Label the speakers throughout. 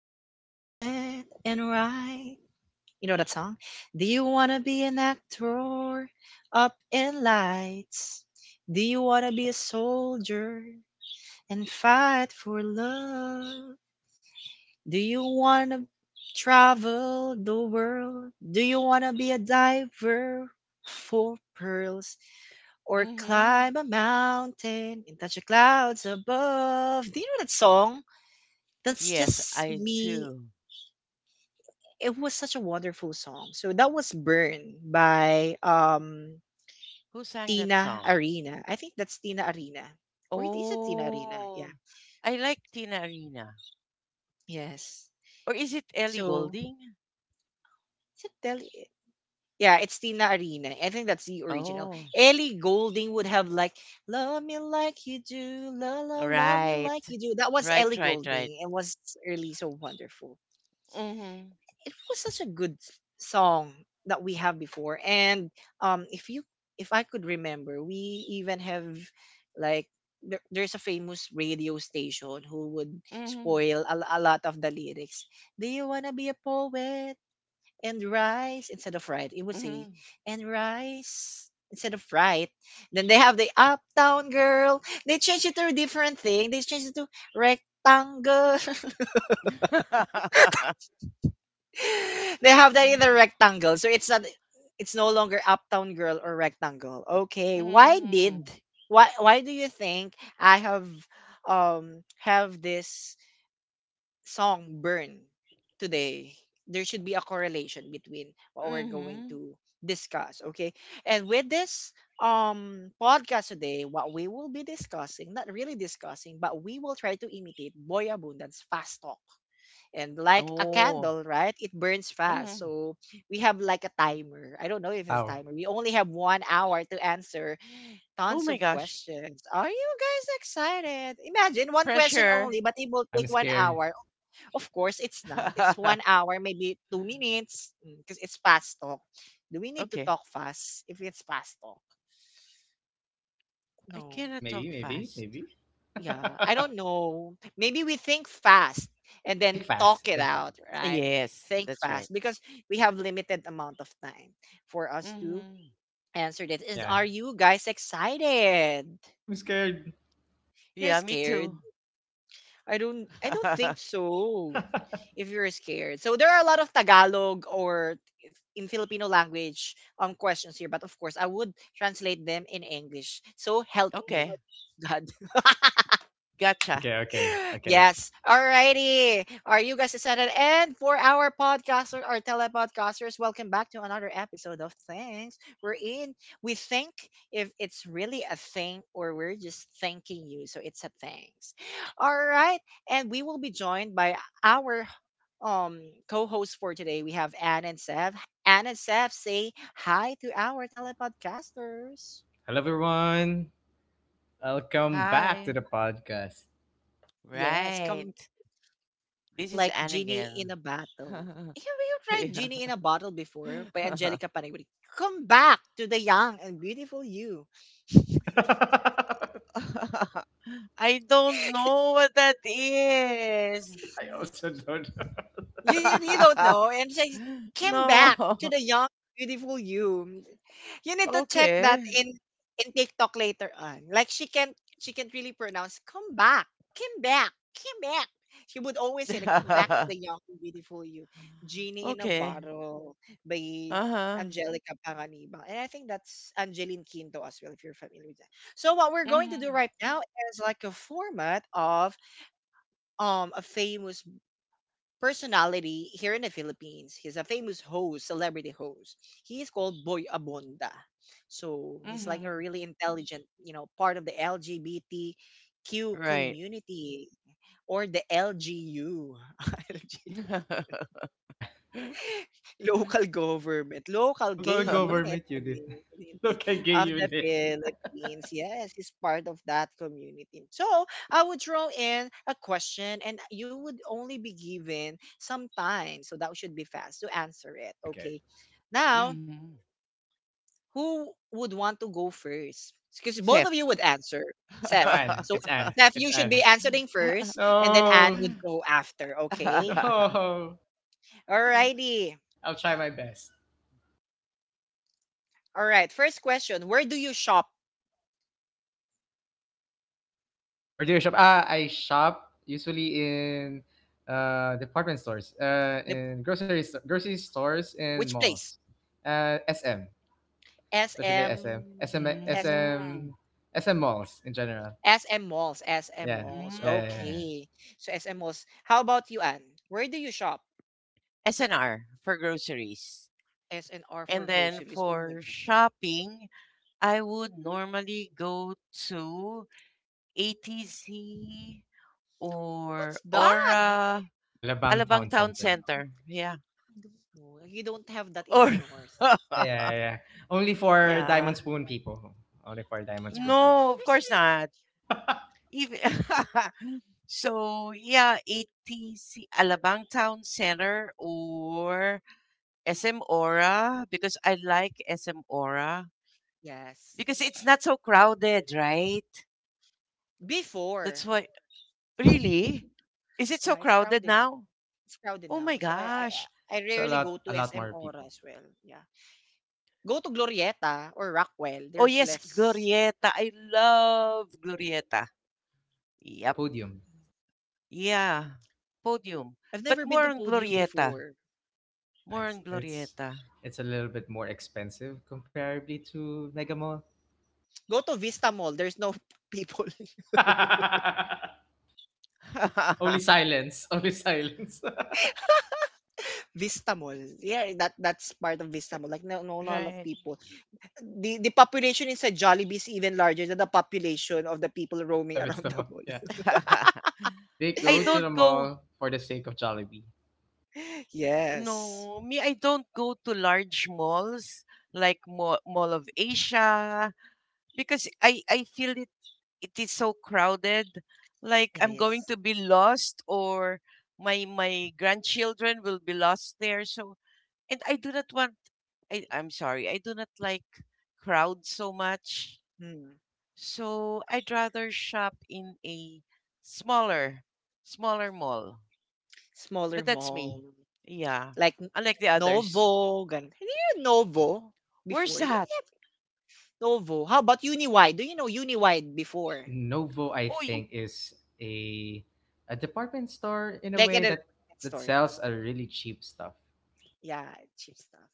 Speaker 1: be a poet and write? You know that song? Do you wanna be an actor up in lights? Do you wanna be a soldier and fight for love? Do you wanna travel the world? Do you wanna be a diver for pearls or
Speaker 2: Mm-hmm.
Speaker 1: climb a mountain and touch the clouds above? Do you know that song? That's
Speaker 2: Yes,
Speaker 1: just
Speaker 2: I
Speaker 1: me.
Speaker 2: do.
Speaker 1: It was such a wonderful song. So that was Burn by
Speaker 2: Who sang that
Speaker 1: Tina
Speaker 2: song?
Speaker 1: Arena. I think that's Tina Arena. Or is it Tina Arena?
Speaker 2: Oh,
Speaker 1: Yeah.
Speaker 2: I like Tina Arena.
Speaker 1: Yes.
Speaker 2: Or is it Ellie
Speaker 1: So
Speaker 2: Golding?
Speaker 1: is it Telly? Yeah, it's Tina Arena. I think that's the original.
Speaker 2: Oh,
Speaker 1: Ellie Golding would have like "Love Me Like You Do," "La La Love Me
Speaker 2: right.
Speaker 1: Like You Do." That was
Speaker 2: Right,
Speaker 1: Ellie
Speaker 2: right, right.
Speaker 1: Golding. It was really so wonderful.
Speaker 2: Mm-hmm.
Speaker 1: It was such a good song that we have before. And if you if I could remember, we even have, like, there's a famous radio station who would
Speaker 2: Mm-hmm.
Speaker 1: spoil a lot of the lyrics. Do you want to be a poet and rise instead of right, it would say,
Speaker 2: Mm-hmm.
Speaker 1: and rise instead of right. Then they have the Uptown Girl, they changed it to a different thing, they changed it to rectangle. They have that in the rectangle. So it's no longer Uptown Girl or Rectangle. Okay.
Speaker 2: mm-hmm.
Speaker 1: Why do you think I have this song Burn today? There should be a correlation between what we're going
Speaker 2: Mm-hmm.
Speaker 1: to discuss, okay? And with this podcast today, what we will be discussing, not really discussing, but we will try to imitate Boy Abundance fast talk, and like a
Speaker 2: Oh.
Speaker 1: candle, right? It burns fast.
Speaker 2: Mm-hmm.
Speaker 1: So we have, like, a timer. I don't know if it's a
Speaker 3: Wow,
Speaker 1: timer. We only have 1 hour to answer
Speaker 2: Oh
Speaker 1: tons
Speaker 2: my
Speaker 1: of
Speaker 2: gosh.
Speaker 1: questions. Are you guys excited? Imagine one question
Speaker 2: Pressure.
Speaker 1: only, but it will take
Speaker 3: I'm
Speaker 1: one
Speaker 3: scared.
Speaker 1: hour. Of course, it's not. It's one hour, maybe 2 minutes, because it's fast talk. Do we need to
Speaker 2: okay.
Speaker 1: talk fast if it's fast talk?
Speaker 2: I
Speaker 1: No.
Speaker 2: cannot talk
Speaker 3: Maybe, maybe,
Speaker 2: fast.
Speaker 3: maybe.
Speaker 1: Yeah, I don't know. Maybe we think fast and then
Speaker 3: Think fast.
Speaker 1: talk it
Speaker 3: Think fast.
Speaker 1: out, right?
Speaker 2: Yes,
Speaker 1: Think
Speaker 2: that's right.
Speaker 1: fast because we have limited amount of time for us to
Speaker 2: Mm-hmm.
Speaker 1: answer this. Is
Speaker 3: Yeah,
Speaker 1: Are you guys excited?
Speaker 3: I'm scared.
Speaker 1: You're
Speaker 2: Yeah, me too.
Speaker 1: scared. I don't think so. If you're scared. So there are a lot of Tagalog, or in Filipino language questions here, but of course I would translate them in English. So help me,
Speaker 2: Okay,
Speaker 1: God.
Speaker 2: gotcha.
Speaker 3: Okay, okay, okay.
Speaker 1: Yes. Alrighty. Are you guys excited? And for our podcasters, our telepodcasters, welcome back to another episode of Thanks. We're in. We think if it's really a thing or we're just thanking you. So it's a thanks. All right. And we will be joined by our um co-host for today. We have Anne and Seth. Anne and Seth, say hi to our telepodcasters.
Speaker 3: Hello, everyone. Welcome back to
Speaker 2: Hi.
Speaker 3: the podcast.
Speaker 1: Yes, come
Speaker 2: Right. This is
Speaker 1: like
Speaker 2: Anne
Speaker 1: Genie
Speaker 2: again.
Speaker 1: in a Bottle. Have you tried
Speaker 2: Yeah.
Speaker 1: Genie in a Bottle before by Angelica Panayuri? Come back to the young and beautiful you.
Speaker 3: I
Speaker 2: I don't know what that is.
Speaker 3: also don't.
Speaker 1: You don't know, and she came
Speaker 2: No.
Speaker 1: back to the young beautiful you. You need to check that
Speaker 2: Okay.
Speaker 1: in TikTok later on. Like she can't really pronounce come back, come back, come back. She would always say that come back to the young and beautiful you. Genie in a
Speaker 2: Okay.
Speaker 1: bottle by
Speaker 2: Uh-huh.
Speaker 1: Angelica Panganiban. And I think that's Angeline Quinto as well, if you're familiar with that. So what we're going to do
Speaker 2: Mm-hmm.
Speaker 1: right now is like a format of a famous personality here in the Philippines. He's a famous host, celebrity host. He is called Boy Abonda. So he's like a
Speaker 2: Mm-hmm.
Speaker 1: really intelligent, you know, part of the LGBTQ
Speaker 2: Right.
Speaker 1: community, or the LGU.
Speaker 3: Yeah,
Speaker 1: Local government, local
Speaker 3: don't call it
Speaker 1: gay unit
Speaker 3: government unit.
Speaker 1: community
Speaker 3: Look at gay
Speaker 1: of the
Speaker 3: unit.
Speaker 1: Philippines. Yes, he's part of that community. So I would throw in a question, and you would only be given some time. So that should be fast to answer it.
Speaker 3: Okay.
Speaker 1: Okay. Now,
Speaker 2: Mm-hmm.
Speaker 1: who would want to go first? Because both
Speaker 2: Safe.
Speaker 1: of you would answer,
Speaker 3: No,
Speaker 1: Seth.
Speaker 3: Anne.
Speaker 1: So
Speaker 3: It's Anne.
Speaker 1: Seth,
Speaker 3: It's
Speaker 1: you should
Speaker 3: Anne.
Speaker 1: be answering first, and then Anne
Speaker 3: No,
Speaker 1: would go after. Okay.
Speaker 3: no.
Speaker 1: Alrighty.
Speaker 3: I'll try my best.
Speaker 1: All right. First question: where do you shop?
Speaker 3: Where do you shop? Ah, I shop usually in department stores, in grocery stores and
Speaker 1: Which
Speaker 3: malls.
Speaker 1: place?
Speaker 3: Uh, SM,
Speaker 1: S
Speaker 3: especially SM.
Speaker 1: M
Speaker 3: SM
Speaker 1: S M
Speaker 3: SM
Speaker 2: Mm,
Speaker 3: SM malls in general.
Speaker 1: malls, SM
Speaker 3: Yeah.
Speaker 1: malls.
Speaker 3: Yeah, yeah, yeah,
Speaker 2: mm.
Speaker 3: yeah.
Speaker 1: Okay. So SM malls. How about you, Anne? Where do you shop?
Speaker 2: SNR for groceries.
Speaker 1: SNR
Speaker 2: And
Speaker 1: for
Speaker 2: then
Speaker 1: groceries. Oh my
Speaker 2: for
Speaker 1: god.
Speaker 2: shopping, I would normally go to ATC
Speaker 1: What's
Speaker 2: or
Speaker 1: that?
Speaker 2: Aura,
Speaker 3: Alabang Town
Speaker 2: Alabang Town
Speaker 3: Center.
Speaker 2: Center. Yeah.
Speaker 1: I don't know. You don't have that in the
Speaker 2: Or,
Speaker 1: north.
Speaker 3: Yeah, yeah, yeah, yeah. Only for
Speaker 2: yeah.
Speaker 3: Diamond Spoon people. Only for Diamond
Speaker 1: Yeah.
Speaker 3: Spoon people.
Speaker 2: No, of
Speaker 1: There's
Speaker 2: course
Speaker 1: really
Speaker 2: not. Even so, yeah, ATC, Alabang Town Center or SM Aura because I like SM Aura
Speaker 1: yes.
Speaker 2: because it's not so crowded, right? That's
Speaker 1: Before.
Speaker 2: why. Really? Is it so
Speaker 1: Yeah, it's
Speaker 2: crowded
Speaker 1: crowded now.
Speaker 2: now?
Speaker 1: It's crowded
Speaker 2: Oh my
Speaker 1: now. So
Speaker 2: gosh.
Speaker 1: I
Speaker 3: There's
Speaker 1: rarely go to
Speaker 3: a lot
Speaker 1: SM
Speaker 3: more
Speaker 1: Ora
Speaker 3: people.
Speaker 1: as well. Yeah. Go to Glorieta or Rockwell.
Speaker 2: Oh
Speaker 1: There's
Speaker 2: yes,
Speaker 1: less
Speaker 2: Glorieta. I love Glorieta.
Speaker 3: What
Speaker 2: Yep.
Speaker 3: podium?
Speaker 2: Yeah. Podium.
Speaker 1: I've never
Speaker 2: But
Speaker 1: been to
Speaker 2: more on
Speaker 1: Podium
Speaker 2: Glorieta.
Speaker 1: before.
Speaker 3: It's
Speaker 2: More
Speaker 3: nice.
Speaker 2: on Glorieta.
Speaker 3: It's a little bit more expensive comparably to Mega Mall.
Speaker 1: Go to Vista Mall. There's no people.
Speaker 3: Only silence. Only silence.
Speaker 1: Vista Mall. Yeah, that's part of Vista Mall. Like no, no, not a lot of
Speaker 2: right.
Speaker 1: people. The population inside Jollibee is even larger than the population of the people roaming
Speaker 3: The
Speaker 1: around
Speaker 3: best
Speaker 1: the
Speaker 3: among.
Speaker 1: mall.
Speaker 3: Yeah. They
Speaker 2: I
Speaker 3: go to
Speaker 2: don't
Speaker 3: the
Speaker 2: go
Speaker 3: mall for the sake of Jollibee.
Speaker 1: Yes,
Speaker 2: no, me I don't go to large malls like Mall of Asia, because I feel it is so crowded. Like
Speaker 1: it
Speaker 2: I'm going
Speaker 1: is.
Speaker 2: to be lost or my grandchildren will be lost there. So and I do not want I'm sorry, I do not like crowd so much.
Speaker 1: Hmm.
Speaker 2: So I'd rather shop in a smaller smaller mall.
Speaker 1: Smaller
Speaker 2: But that's
Speaker 1: mall.
Speaker 2: me. Yeah.
Speaker 1: Like
Speaker 2: Unlike the others.
Speaker 1: Novo. Gan. Have you heard Novo
Speaker 2: Where's
Speaker 1: before? They
Speaker 2: that?
Speaker 1: have Novo. How about Uniwide? Do you know Uniwide
Speaker 3: No,
Speaker 1: before?
Speaker 3: Novo, I
Speaker 2: Oh,
Speaker 3: think, is a a department store in a
Speaker 1: Like in a
Speaker 3: way that
Speaker 1: department store.
Speaker 3: sells a really cheap stuff.
Speaker 1: Yeah, cheap stuff.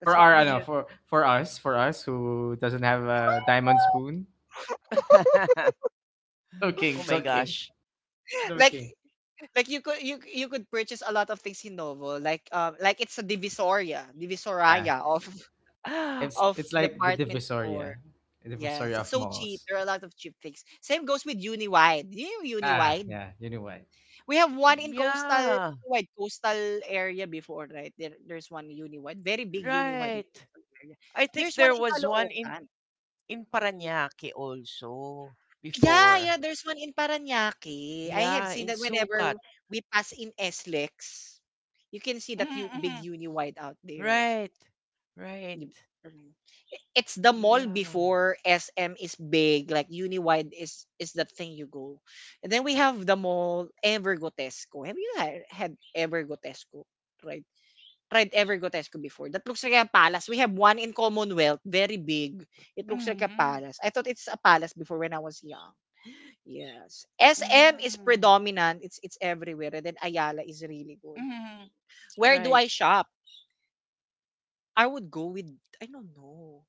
Speaker 1: That's
Speaker 3: For
Speaker 1: what
Speaker 3: our, I know,
Speaker 1: we
Speaker 3: for us who doesn't have a diamond
Speaker 1: have.
Speaker 3: spoon.
Speaker 2: y- oh
Speaker 3: Joking,
Speaker 2: my
Speaker 3: joking,
Speaker 2: gosh.
Speaker 1: like
Speaker 3: joking.
Speaker 1: like you could you could purchase a lot of things in Novo. Like it's a divisoria,
Speaker 3: Yeah,
Speaker 1: divisoria of
Speaker 3: yeah.
Speaker 1: of
Speaker 3: It's like
Speaker 1: department store.
Speaker 3: the
Speaker 1: Yes,
Speaker 3: divisoria
Speaker 1: it's
Speaker 3: of
Speaker 1: so cheap.
Speaker 3: malls.
Speaker 1: There are a lot of cheap things. Same goes with Uniwide. Do you know
Speaker 3: Yeah,
Speaker 1: Uniwide?
Speaker 3: yeah. You know what?
Speaker 1: We have one in coastal
Speaker 2: Yeah,
Speaker 1: wide coastal area before, right? There's one Uniwide, very big Uniwide in
Speaker 2: right.
Speaker 1: coastal area.
Speaker 2: I think
Speaker 1: There's one
Speaker 2: there
Speaker 1: in
Speaker 2: was one
Speaker 1: Caloocan.
Speaker 2: in Parañaque also
Speaker 1: Yeah,
Speaker 2: before.
Speaker 1: yeah, there's one in Parañaque. I have
Speaker 2: Yeah,
Speaker 1: seen
Speaker 2: in
Speaker 1: that
Speaker 2: Sukat.
Speaker 1: whenever we pass in SLEX, you can see that big
Speaker 2: Mm-mm.
Speaker 1: uni wide out there.
Speaker 2: Right.
Speaker 1: You-
Speaker 2: Right.
Speaker 1: mm. It's the mall
Speaker 2: Yeah.
Speaker 1: before SM is big, like Uniwide is the thing you go. And then we have the mall Evergotesco. Have you had Evergotesco? Right. Tried Evergotesco before. That looks like a palace. We have one in Commonwealth, very big. It looks like a
Speaker 2: Mm-hmm.
Speaker 1: palace. I thought it's a palace before when I was young. Yes. SM is
Speaker 2: Mm.
Speaker 1: predominant. It's everywhere. And then Ayala is really good.
Speaker 2: Mm-hmm.
Speaker 1: Where do
Speaker 2: Right.
Speaker 1: I shop? I would go with, I don't know.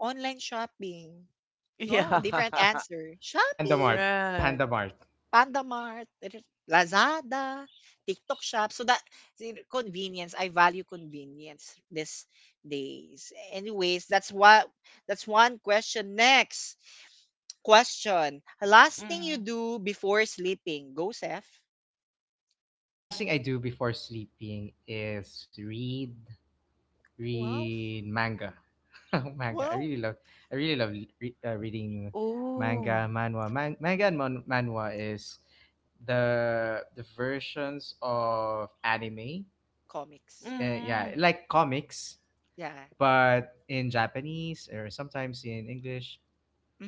Speaker 1: Online shopping. No,
Speaker 2: Yeah.
Speaker 1: different answer.
Speaker 3: Panda
Speaker 1: Shopee,
Speaker 3: Mart,
Speaker 2: right.
Speaker 3: Panda Mart.
Speaker 1: Panda Mart, Lazada, TikTok shop. So that see, convenience. I value convenience these days. Anyways, that's one question. Next question. Last thing you
Speaker 2: Mm-hmm.
Speaker 1: do before sleeping. Go, Seth.
Speaker 3: Last thing I do before sleeping is
Speaker 1: Wow.
Speaker 3: read manga. Manga. I
Speaker 1: Well,
Speaker 3: really love I really love reading
Speaker 2: Oh.
Speaker 3: manga, manhwa. Manhwa is the versions of anime.
Speaker 1: comics.
Speaker 3: Yeah,
Speaker 2: Mm-hmm.
Speaker 3: like comics,
Speaker 1: Yeah.
Speaker 3: but in Japanese or sometimes in English.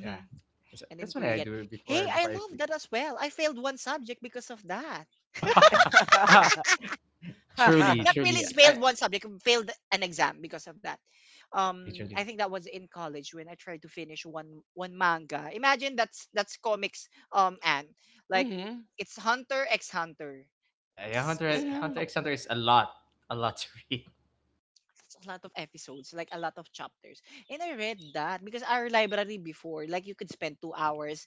Speaker 3: Yeah, that's,
Speaker 1: And in
Speaker 3: that's what I
Speaker 1: Korean.
Speaker 3: do
Speaker 1: Hey, I
Speaker 3: before I
Speaker 1: love
Speaker 3: sleep.
Speaker 1: that as well. I failed one subject because of that.
Speaker 3: Ah, truly,
Speaker 1: Not really
Speaker 3: truly, I
Speaker 1: failed one subject, failed an exam because of that.
Speaker 3: Truly, truly.
Speaker 1: I think that was in college when I tried to finish one manga. Imagine that's comics, and like
Speaker 2: mm-hmm.
Speaker 1: it's Hunter x Hunter.
Speaker 3: Yeah, yeah.
Speaker 1: Because
Speaker 2: Mm-hmm.
Speaker 3: Hunter X Hunter is a lot to read.
Speaker 1: a lot of episodes, like a lot of chapters. And I read that because our library before, like you could spend 2 hours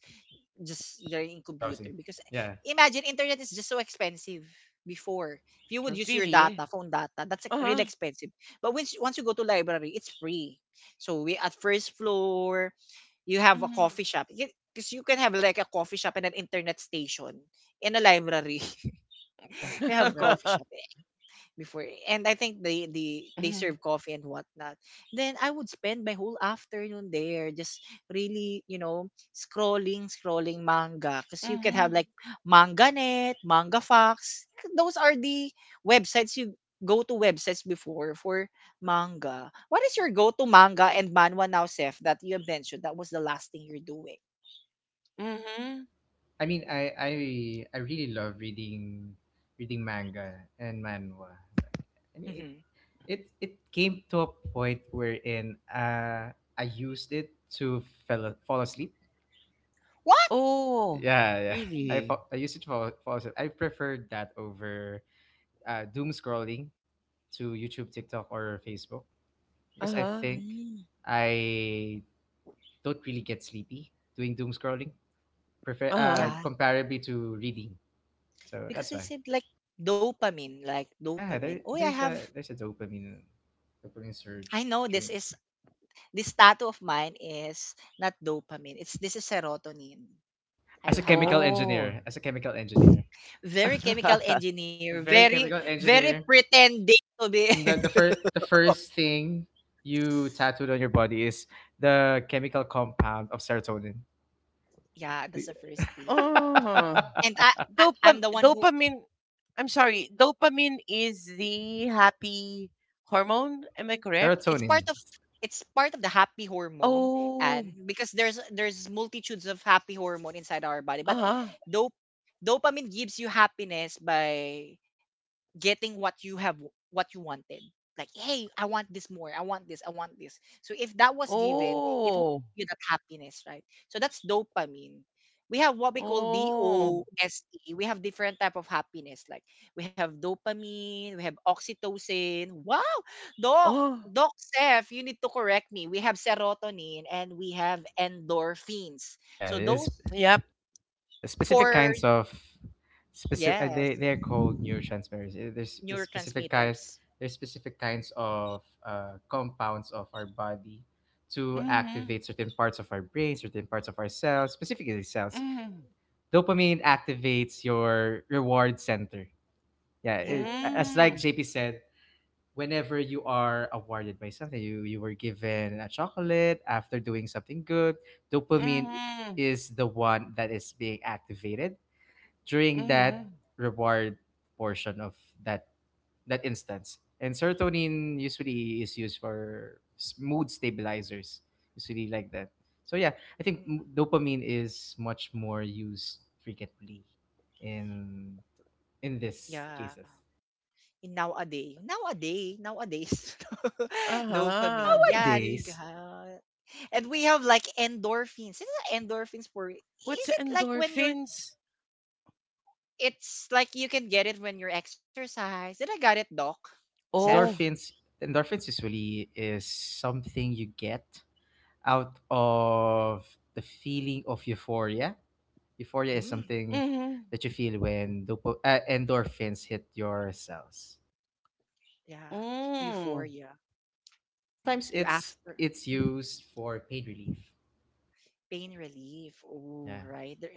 Speaker 1: just learning
Speaker 3: Just
Speaker 1: computer,
Speaker 3: browsing.
Speaker 1: because
Speaker 3: Yeah,
Speaker 1: imagine internet is just so expensive before. If you would
Speaker 3: true.
Speaker 1: use your
Speaker 2: Really?
Speaker 1: data, phone data, that's like really
Speaker 2: Uh-huh.
Speaker 1: expensive, but once you go to library, it's free. So we, at first floor you have a
Speaker 2: Mm-hmm.
Speaker 1: coffee shop, because you can have like a coffee shop and an internet station in a library.
Speaker 3: Yeah,
Speaker 1: We have
Speaker 3: yeah.
Speaker 1: coffee shop before, and I think they they
Speaker 2: mm-hmm.
Speaker 1: serve coffee and whatnot. Then I would spend my whole afternoon there, just really, scrolling manga, because you can have
Speaker 2: Mm-hmm.
Speaker 1: like MangaNet, MangaFox. Those are the websites you go to websites before for manga. What is your go to manga and manhwa now, Seth? That you have mentioned that was the last thing you're doing.
Speaker 2: Mm-hmm.
Speaker 3: I mean, I I I really love reading manga and manhwa. I mean,
Speaker 1: Hmm.
Speaker 3: it came to a point wherein I used it to fell fall asleep.
Speaker 1: What?
Speaker 2: Oh,
Speaker 3: Yeah, yeah.
Speaker 2: really?
Speaker 3: I used it to fall asleep. I preferred that over doom scrolling to YouTube, TikTok, or Facebook because I
Speaker 2: Uh-huh.
Speaker 3: think
Speaker 1: Mm,
Speaker 3: I don't really get sleepy doing doom scrolling, prefer
Speaker 2: Uh-huh.
Speaker 1: yeah,
Speaker 3: comparably to reading. So that's
Speaker 1: because I
Speaker 3: why.
Speaker 1: said like dopamine, like
Speaker 3: Yeah,
Speaker 1: dopamine. Oh, I have.
Speaker 3: there's a dopamine
Speaker 1: I
Speaker 3: surge
Speaker 1: know
Speaker 3: during,
Speaker 1: this tattoo of mine is not dopamine. It's, this is serotonin. I
Speaker 3: as a
Speaker 1: don't have
Speaker 3: chemical
Speaker 1: that.
Speaker 2: Oh.
Speaker 3: engineer. As a chemical engineer,
Speaker 1: Very chemical
Speaker 3: a
Speaker 1: engineer.
Speaker 3: very chemical
Speaker 1: Very
Speaker 3: engineer.
Speaker 1: pretending to be.
Speaker 3: The the first the first thing you tattooed on your body is the chemical compound of serotonin.
Speaker 1: Yeah, that's the first thing.
Speaker 2: Uh-huh.
Speaker 1: And
Speaker 2: Dopam
Speaker 1: I'm the one who
Speaker 2: dopamine I'm sorry, dopamine is the happy hormone, am I
Speaker 1: it's
Speaker 2: correct?
Speaker 1: part of
Speaker 3: Serotonin.
Speaker 1: it's part of the happy hormone. And
Speaker 2: Oh.
Speaker 1: because there's multitudes of happy hormone inside our body, but
Speaker 2: Uh-huh.
Speaker 1: dope dopamine gives you happiness by getting what you have, what you wanted. Like, hey, I want this more, I want this, I want this. So if that was given, it will
Speaker 2: Oh.
Speaker 1: give you that happiness, right? So that's dopamine. We have what we call
Speaker 2: Oh.
Speaker 1: dose. We have different type of happiness. Like, we have dopamine, we have oxytocin. Wow. doc
Speaker 2: Oh.
Speaker 1: Doc Steph, you need to correct me. We have serotonin and we have endorphins.
Speaker 3: Yeah,
Speaker 1: So
Speaker 3: it's
Speaker 1: those
Speaker 2: Yep.
Speaker 3: Yeah, specific
Speaker 1: four.
Speaker 3: kinds of specific. They
Speaker 1: Yes.
Speaker 3: they're called neurotransmitters. There's a specific
Speaker 1: Neurotransmitters.
Speaker 3: kind. There's specific kinds of compounds of our body to
Speaker 2: Mm-hmm.
Speaker 3: activate certain parts of our brain, certain parts of our cells, specifically cells.
Speaker 2: Mm-hmm.
Speaker 3: Dopamine activates your reward center. Yeah,
Speaker 1: Yeah.
Speaker 3: as like
Speaker 2: Mm-hmm.
Speaker 3: JP said, whenever you are awarded by something, you were given a chocolate after doing something good. Dopamine
Speaker 2: Mm-hmm.
Speaker 3: is the one that is being activated during
Speaker 2: Mm-hmm.
Speaker 3: that reward portion of that that instance. And serotonin usually is used for mood stabilizers, usually like that. So yeah, I think dopamine is much more used frequently in in these
Speaker 1: Yeah.
Speaker 3: cases.
Speaker 1: In nowadays, nowadays, nowadays,
Speaker 2: Uh-huh.
Speaker 1: dopamine. Yeah, there you go.
Speaker 3: Nowadays,
Speaker 1: And we have like endorphins. Is it endorphins for? Is
Speaker 2: What's
Speaker 1: it like when you're?
Speaker 2: endorphins?
Speaker 1: It's like you can get it when you're exercise. Did I got it, Doc? Seth?
Speaker 2: Oh.
Speaker 3: endorphins, endorphins usually is something you get out of the feeling of euphoria. Euphoria is
Speaker 1: Mm,
Speaker 3: something
Speaker 2: Mm-hmm.
Speaker 3: that you feel when endorphins hit your cells.
Speaker 1: yeah.
Speaker 2: Hmm,
Speaker 1: Euphoria.
Speaker 3: Sometimes
Speaker 1: You after.
Speaker 3: it's
Speaker 1: Mhm.
Speaker 3: used for pain relief.
Speaker 1: Pain relief. Oh,
Speaker 3: Yeah.
Speaker 1: right. There,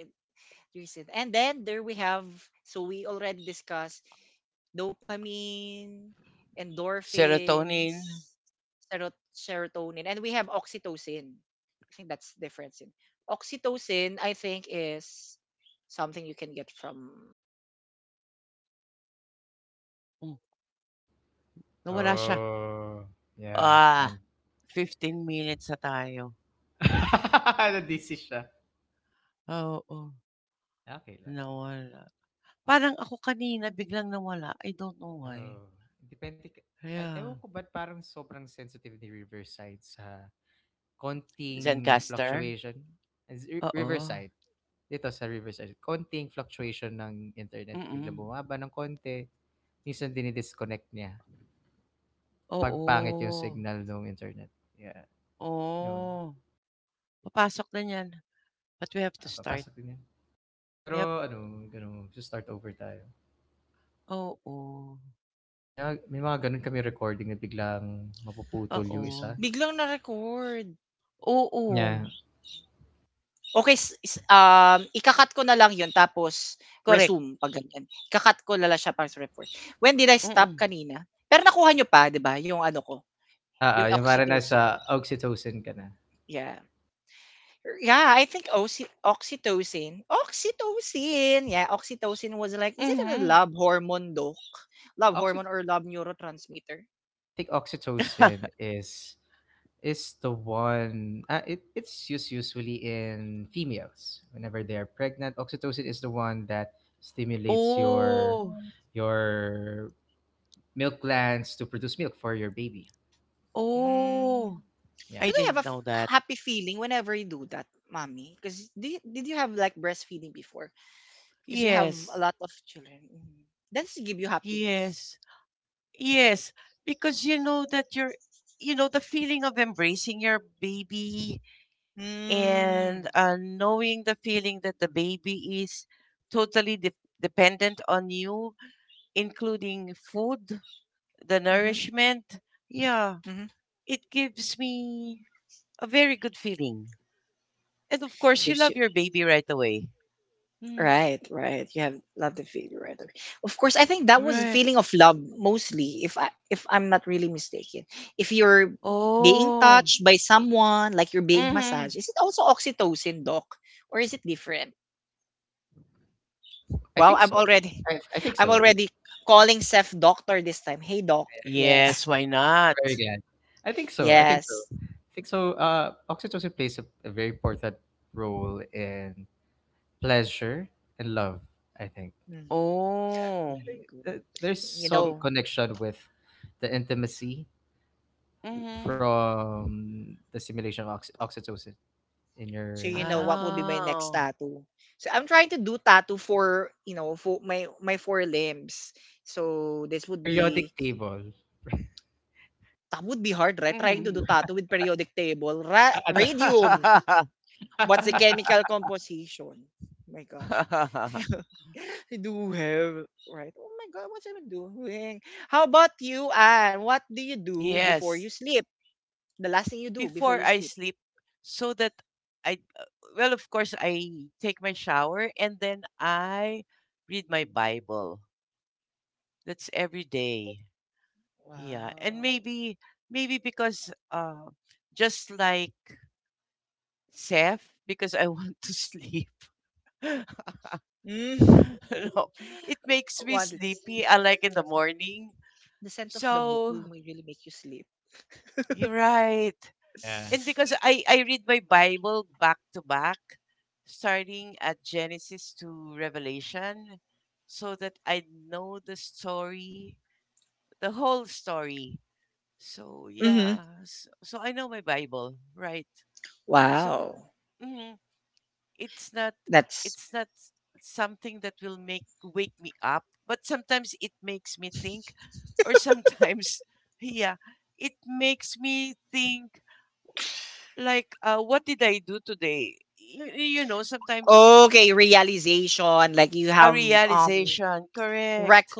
Speaker 1: reason. And then there we have, so we already discussed dopamine,
Speaker 2: serotonin.
Speaker 1: endorphins, serotonin, and we have oxytocin. I think that's the difference. In oxytocin, I think, is something you can get um from touch,
Speaker 2: Hmm,
Speaker 1: from love, right?
Speaker 2: nawala siya.
Speaker 3: Oh, yeah, I
Speaker 2: Ah,
Speaker 3: can.
Speaker 2: 15 minutes na tayo.
Speaker 3: Nadisi siya.
Speaker 2: Oo,
Speaker 3: Okay lang.
Speaker 2: nawala. Parang ako kanina biglang nawala. I don't know why.
Speaker 3: Oh, depende. Ka- Ay, ewan
Speaker 2: Kaya
Speaker 3: ko ba't parang sobrang sensitive ni Riverside sa konting
Speaker 2: Zencaster?
Speaker 3: fluctuation. Is-
Speaker 2: Oo,
Speaker 3: Riverside. Dito sa Riverside, konting fluctuation ng internet, biglang
Speaker 2: mm.
Speaker 3: bumaba ng konti, minsan dini-disconnect niya pagpangit yung
Speaker 2: Oo,
Speaker 3: signal ng internet. Yeah, yun.
Speaker 2: oh, papasok na 'yan, but we have
Speaker 3: Ah,
Speaker 2: to
Speaker 3: ah,
Speaker 2: start.
Speaker 3: papasok din yun.
Speaker 2: Yep,
Speaker 3: Pero ano, ano, magsa-start over tayo.
Speaker 2: oo,
Speaker 3: Na may mga gano'n kami recording na biglang mapuputol yung
Speaker 2: oo,
Speaker 3: isa. Yeah.
Speaker 2: oo, correct, mm,
Speaker 3: Ah, ah, yung parang sa oxytocin ka na.
Speaker 2: mhm.
Speaker 3: Ah, oxy, I think oxytocin is the one, it's used usually in females whenever they're pregnant. Oxytocin is the one that stimulates
Speaker 2: Oh,
Speaker 3: your milk glands to produce milk for your baby,
Speaker 2: oh.
Speaker 3: yeah.
Speaker 2: I didn't know that. Yes, yes, yes. Because you know that you, the feeling of embracing your baby and knowing the feeling that the baby is totally dependent on you, including food, the nourishment. Yeah, it gives me a very good feeling. And of course, you love your baby right away. Mm, right. Oh. Mm-hmm.
Speaker 3: I think so. I think so. I-
Speaker 2: Yes,
Speaker 3: I'm
Speaker 2: why not?
Speaker 3: very glad. I think so, I think so, I think so. Uh, oxytocin plays a very important role in pleasure and love. I think
Speaker 2: Oh.
Speaker 3: there's some connection with the intimacy
Speaker 2: Mhm.
Speaker 3: from the stimulation of oxytocin in your body.
Speaker 2: Oh.
Speaker 3: Periodic table.
Speaker 2: Mm.
Speaker 3: Attack.
Speaker 2: Yes. Before I sleep, so that I, well, of course, I take my shower and then I read my Bible. That's every day. Yeah. And maybe because just like Seth, because I want to sleep. no, it makes me sleepy, unlike in the morning. So you're right.
Speaker 3: Yeah.
Speaker 2: And because I read my Bible back to back, starting at Genesis to Revelation, so that I know the story, the whole story. So yeah, so I know my Bible, right? So mm-hmm. it's not it's not something that will make wake me up, but sometimes it makes me think or sometimes yeah it makes me think like what did I do today? Sometimes a realization, correct,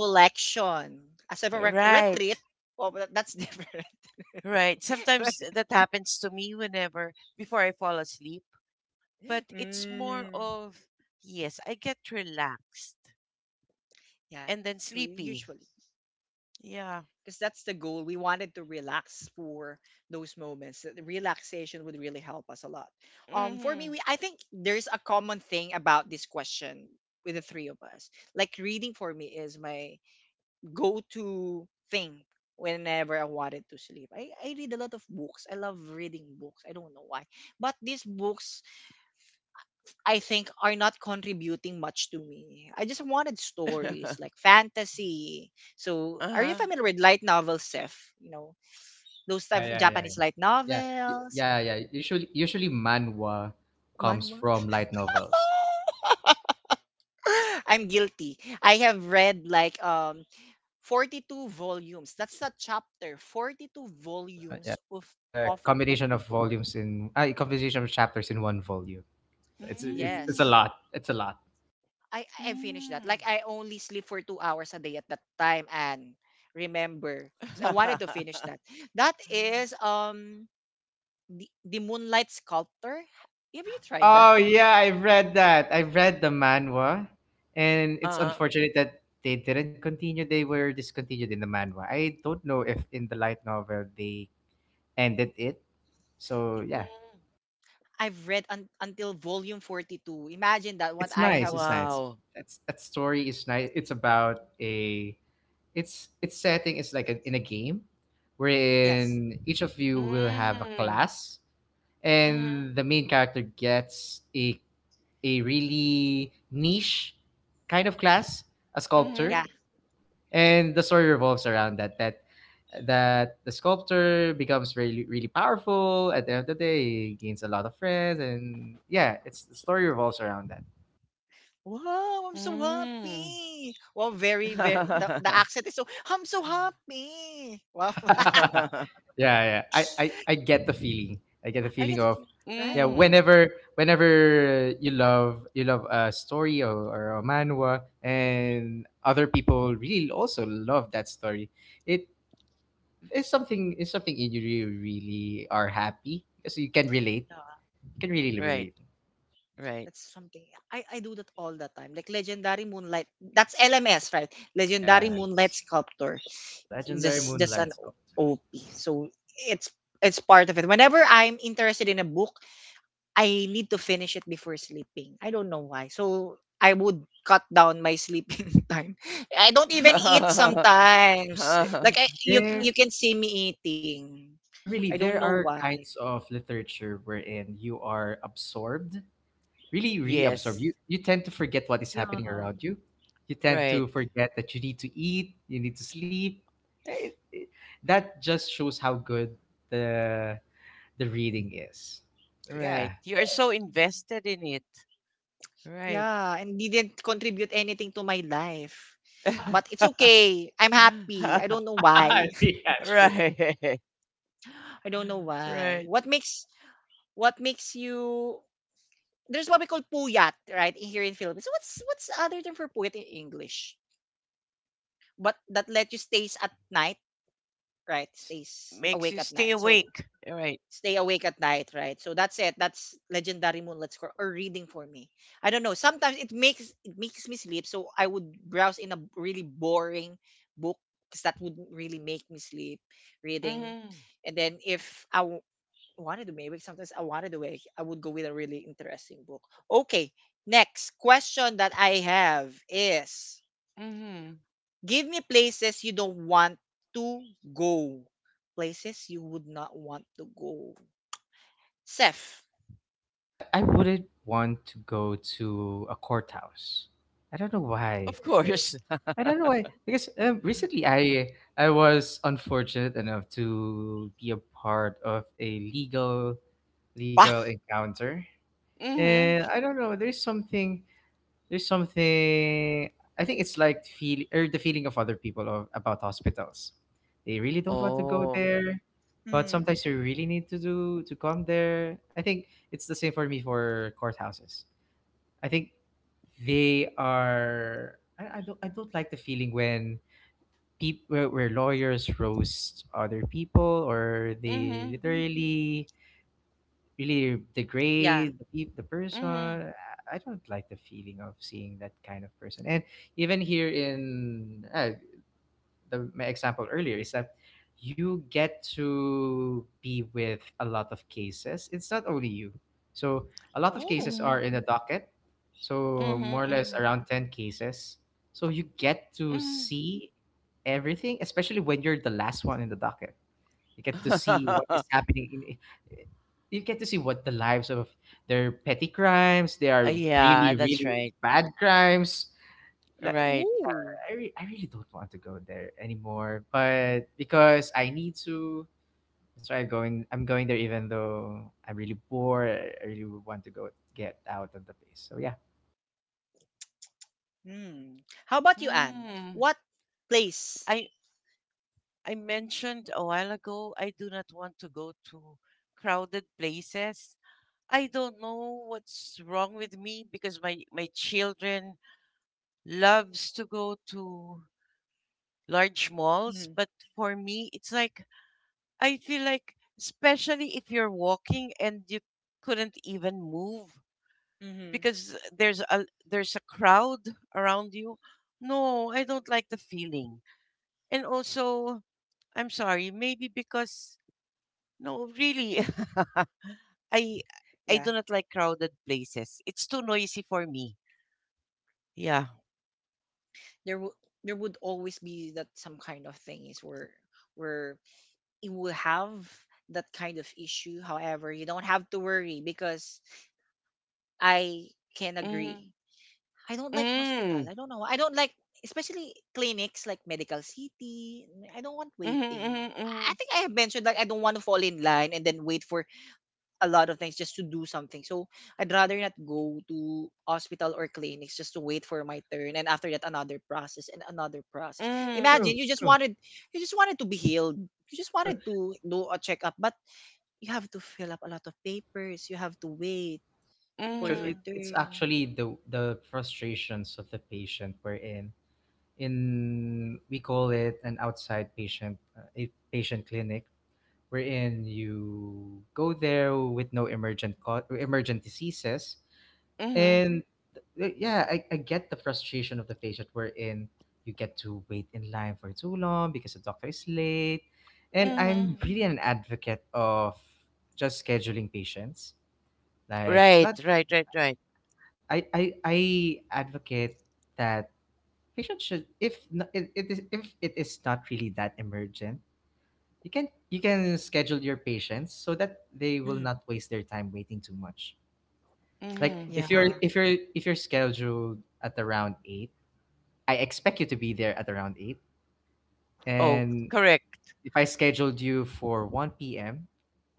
Speaker 2: right, right. Sometimes that happens to me whenever before I fall asleep, but it's more of, yes, I get relaxed and then sleepy, yeah, mhm. Uh-huh.
Speaker 3: Yeah, yeah, yeah. Yeah, yeah, yeah. Usually, usually manhwa comes from light novels. Uh, Yeah, it's a combination of volumes in, ah, a combination of chapters in one volume. So it's a
Speaker 2: Mm,
Speaker 3: lot. It's a lot.
Speaker 2: mm,
Speaker 3: Oh yeah, I've read that. I've read the manhwa, and it's
Speaker 2: Uh-huh.
Speaker 3: unfortunate that they didn't continue. They were discontinued in the manhwa. I don't know if in the light novel they ended it. So yeah,
Speaker 2: mm,
Speaker 3: it's nice. It's nice.
Speaker 2: Wow.
Speaker 3: That story is nice. It's about a. It's its setting is like a, in a game, wherein each of you will have a
Speaker 2: mm,
Speaker 3: class,
Speaker 2: mhm,
Speaker 3: and the main character gets a really niche kind of class, a sculptor,
Speaker 2: mhm,
Speaker 3: and the story revolves around that. That the sculptor becomes really, really powerful. At the end of the day, he gains a lot of friends, and yeah, it's the story revolves around that.
Speaker 2: mm,
Speaker 3: Yeah, yeah. I get the feeling. I get the feeling of, yeah,
Speaker 2: mm.
Speaker 3: whenever, whenever you love, you love a story, or a manhwa, and other people really also love that story, it it's something, it's something you really, really are happy because you can relate. You can really relate.
Speaker 2: Right, right.
Speaker 3: Yes, the legendary moonlight sculpture. Th- There, yeah, really, there are kinds of literature wherein you are absorbed, really, really absorbed.
Speaker 2: Yes,
Speaker 3: You tend to forget what is happening around you. You tend
Speaker 2: right,
Speaker 3: to forget that you need to eat, you need to sleep. Eh, it- it- that just shows how good the the reading is. So
Speaker 2: right.
Speaker 3: yeah.
Speaker 2: You're so invested in it. Right.
Speaker 3: Yeah, sure.
Speaker 2: Right, right. S- Makes you stay awake. All Right. Mm-hmm. Mm-hmm.
Speaker 3: I wouldn't want to go to a courthouse. I don't know why.
Speaker 2: Of course.
Speaker 3: I don't know why. Because recently I was unfortunate enough to be a part of a legal encounter,
Speaker 2: Mm-hmm.
Speaker 3: and I don't know. There's something. There's something. I think it's like feel or the feeling of other people of, about hospitals. They really don't want to go
Speaker 2: Oh.
Speaker 3: there, but sometimes you really need to do to come there. I think it's the same for me for courthouses. I think they are. I don't. I don't like the feeling when people where lawyers roast other people or they
Speaker 2: Mm-hmm.
Speaker 3: literally really degrade the, the person.
Speaker 2: Mm-hmm.
Speaker 3: I don't like the feeling of seeing that kind of person. And even here in uh, the my example earlier is that you get to be with a lot of cases. It's not only you. So a lot of cases
Speaker 2: Mm-hmm.
Speaker 3: are in the docket. So more or less
Speaker 2: Mm-hmm.
Speaker 3: around 10 cases. So you get to
Speaker 2: Mm-hmm.
Speaker 3: see everything, especially when you're the last one in the docket. You get to see what is happening in, you get to see what the lives of their petty crimes, they are
Speaker 2: yeah,
Speaker 3: really,
Speaker 2: that's
Speaker 3: really
Speaker 2: right.
Speaker 3: bad crimes, like,
Speaker 2: Right.
Speaker 3: yeah, I really don't want to go there anymore. But because I need to, that's why I'm going. I'm going there even though I'm really bored. I really would want to go, get out of the place. So yeah,
Speaker 2: Mm. I I mentioned a while ago I do not want to go to crowded places. I don't know what's wrong with me because my children loves to go to large malls. But for me, it's like I feel like, especially if you're walking and you couldn't even move because there's a crowd around you. No, I don't like the feeling. And also, I'm sorry, maybe because no, really, I I do not like crowded places. It's too noisy for me. Yeah. Mm. Mm. Mm. Mm.
Speaker 3: uh,
Speaker 2: Mm.
Speaker 3: true, true, true. Yeah, true.
Speaker 2: Mm.
Speaker 3: It's actually the frustrations of the patient we're in. In, we call it an outside patient, a patient clinic, wherein you go there with no emergent diseases.
Speaker 2: Mm. Mm.
Speaker 3: And yeah, I get the frustration of the patient wherein you get to wait in line for too long because the doctor is late. And I'm
Speaker 2: Mm.
Speaker 3: really an advocate of just scheduling patients. Like
Speaker 2: Right,
Speaker 3: not,
Speaker 2: right, right, right.
Speaker 3: I advocate that patients should, if no- it is if it is not really that emergent, you can schedule your patients so that they will not waste their time waiting too much. Like
Speaker 2: Mm-hmm.
Speaker 3: if you're if you're if you're scheduled at around 8, I expect you to be there at around 8.
Speaker 2: Oh,
Speaker 3: And
Speaker 2: correct.
Speaker 3: if I scheduled you for 1 p.m.,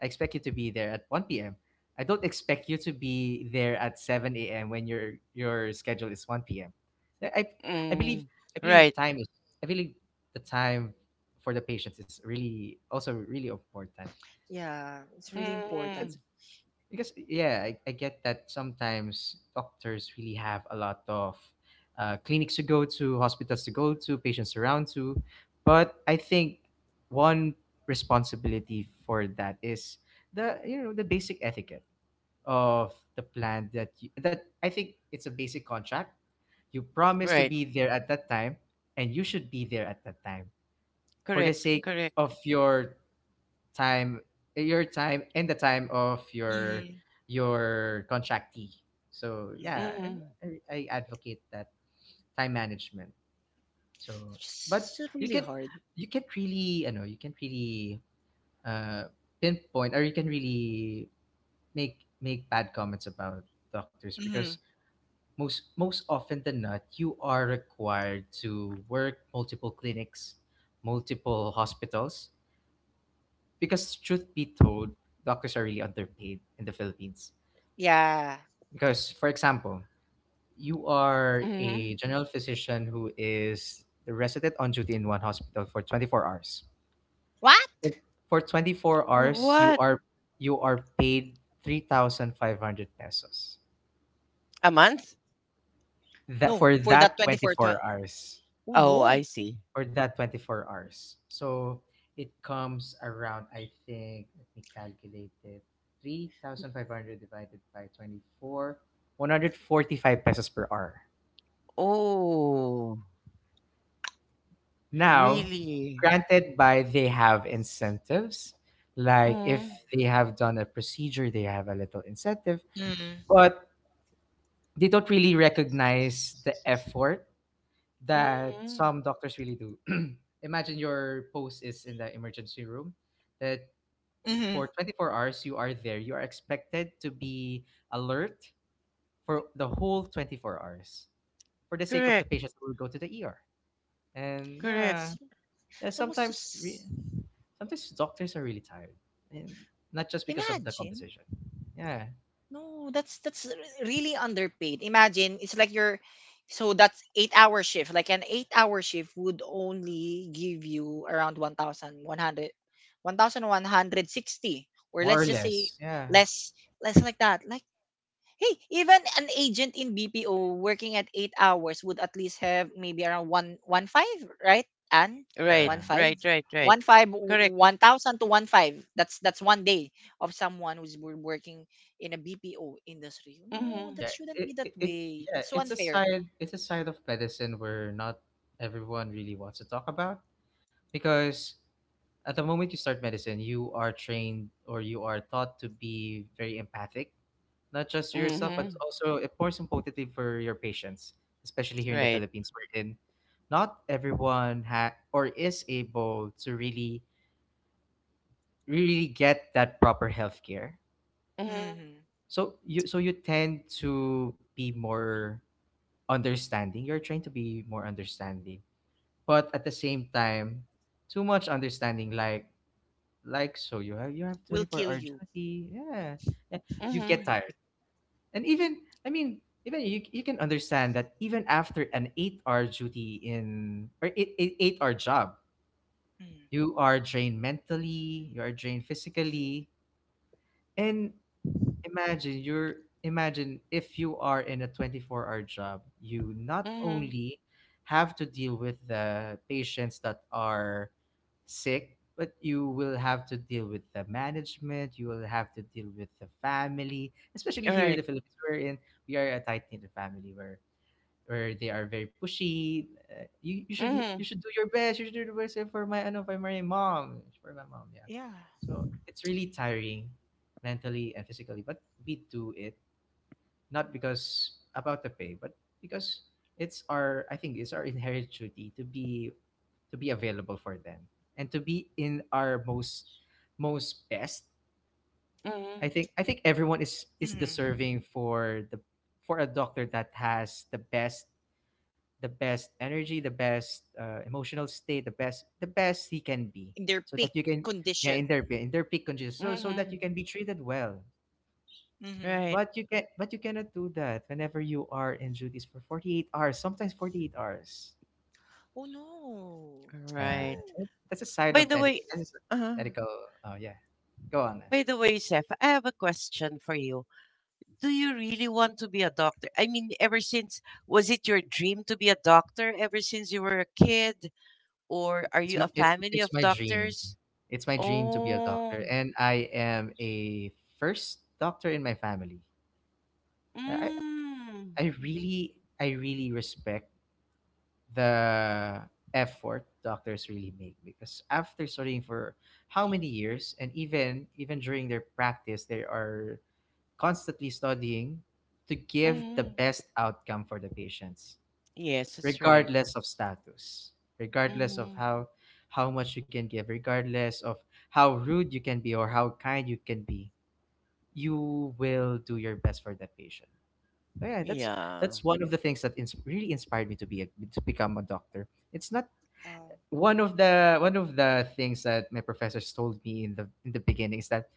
Speaker 3: I expect you to be there at 1 p.m. I don't expect you to be there at 7 a.m. when your schedule is 1 p.m. I I I believe,
Speaker 2: Mm, right.
Speaker 3: time is, I believe, the time for the patients is really also really important.
Speaker 2: Mm,
Speaker 3: Because, yeah, I get that sometimes doctors really have a lot of clinics to go to, hospitals to go to, patients around to, but I think one responsibility for that is the, the basic etiquette of the plan that I think it's a basic contract. You promise to
Speaker 2: right.
Speaker 3: be there at that time, and you should be there at that time, for the
Speaker 2: Correct,
Speaker 3: sake
Speaker 2: correct.
Speaker 3: of your time, your time and the time of your contractee. So, yeah, i,
Speaker 2: Mm-hmm.
Speaker 3: I I advocate that time management. So, but you can, you can really you know you can really, uh pinpoint, or you can really make make bad comments about doctors, because most often than not, you are required to work multiple clinics, multiple hospitals, because, truth be told, doctors are really underpaid in the Philippines. Because, for example, you are
Speaker 2: Mm-hmm.
Speaker 3: a general physician who is the resident on duty in one hospital for 24 hours. For 24 hours, you
Speaker 2: What?
Speaker 3: are, paid 3,500 pesos.
Speaker 2: A month?
Speaker 3: That For that 24 hours.
Speaker 2: Oh, I see.
Speaker 3: So it comes around, I think, let me calculate it: 3,500 divided by 24, 145 pesos per hour.
Speaker 2: Oh,
Speaker 3: Now,
Speaker 2: really?
Speaker 3: granted by, they have incentives, like if
Speaker 2: Mm,
Speaker 3: they have done a procedure, they have a little incentive, but they don't really recognize the effort that
Speaker 2: mm-hmm.
Speaker 3: some doctors really do. Imagine your post is in the emergency room, that for 24 hours you are there, you are expected to be alert for the whole 24 hours, for the sake of the
Speaker 2: Correct,
Speaker 3: patients who will go to the ER. And,
Speaker 2: correct.
Speaker 3: yeah, yeah, sometimes sometimes doctors are really tired, and not just because of the composition. Yeah, more or less. Yeah.
Speaker 2: Right,
Speaker 3: yeah
Speaker 2: right, right, right. Correct. Mm-hmm.
Speaker 3: yeah It's a side of medicine where not everyone really wants to talk about, because at the moment you start medicine, you are trained, or you are taught to be very empathic, not just to yourself, but
Speaker 2: Mm-hmm.
Speaker 3: also, more importantly, for your patients, especially here in the
Speaker 2: Right.
Speaker 3: Philippines, wherein not everyone or is able to really get that proper healthcare.
Speaker 2: Mm-hmm.
Speaker 3: So you, tend to be more understanding. You're trying to be more understanding, but at the same time, too much understanding, like, so you have 24-hour duty. Yeah, yeah, you
Speaker 2: Mm-hmm.
Speaker 3: get tired, and even, I mean, even you can understand that even after an 8-hour duty, in or 8-hour job, you are drained mentally, you are drained physically, and imagine you're imagine if you are in a 24-hour job, you not
Speaker 2: Mm-hmm.
Speaker 3: only have to deal with the patients that are sick, but you will have to deal with the management, you will have to deal with the family, especially here in the Philippines, we are a tight-knit family, where or they are very pushy.
Speaker 2: Right.
Speaker 3: You should do your best. You should do the best for my ano for my mom. Yeah, so it's really tiring, mentally and physically. But we do it, not because about the pay, but because it's our I think it's our inherent duty to be, available for them, and to be in our most, best. i
Speaker 2: Mhm.
Speaker 3: think i think everyone is deserving for a doctor that has the best, energy, the best, emotional state, the best, he can be, so that you can, yeah, in their, peak conditions, so, that you
Speaker 2: Mhm.
Speaker 3: can be treated well.
Speaker 2: Right.
Speaker 3: But you can but you cannot do that whenever you are in duties for 48 hours, sometimes 48 hours. Yeah,
Speaker 2: Right.
Speaker 3: that- that's a side
Speaker 2: By
Speaker 3: of
Speaker 2: the
Speaker 3: med-
Speaker 2: way,
Speaker 3: that's a
Speaker 2: uh,
Speaker 3: medical. Oh yeah, go on. Then.
Speaker 2: by the way, Seth, I have a question for you. Do you really want to be a doctor? I mean, ever since was it your dream to be a doctor ever since you were a kid, or are
Speaker 3: It's
Speaker 2: you
Speaker 3: my
Speaker 2: a
Speaker 3: it's
Speaker 2: family
Speaker 3: it's
Speaker 2: of
Speaker 3: my dream.
Speaker 2: doctors?
Speaker 3: It's my dream to be a
Speaker 2: Oh.
Speaker 3: doctor, and I am a first doctor in my family. I,
Speaker 2: Mm.
Speaker 3: I really, I really respect the effort doctors really make, because after studying for how many years, and even during their practice, they are constantly studying to give the
Speaker 2: Mm.
Speaker 3: best outcome for the patients,
Speaker 2: Yes, that's right.
Speaker 3: regardless of status, regardless of
Speaker 2: Mm.
Speaker 3: how much you can give, regardless of how rude you can be or how kind you can be, you will do your best for that patient. Oh, yeah,
Speaker 2: Yeah.
Speaker 3: that's one of the things that really inspired me to become a doctor. It's not one of the, things that my professors told me in the, beginning, is that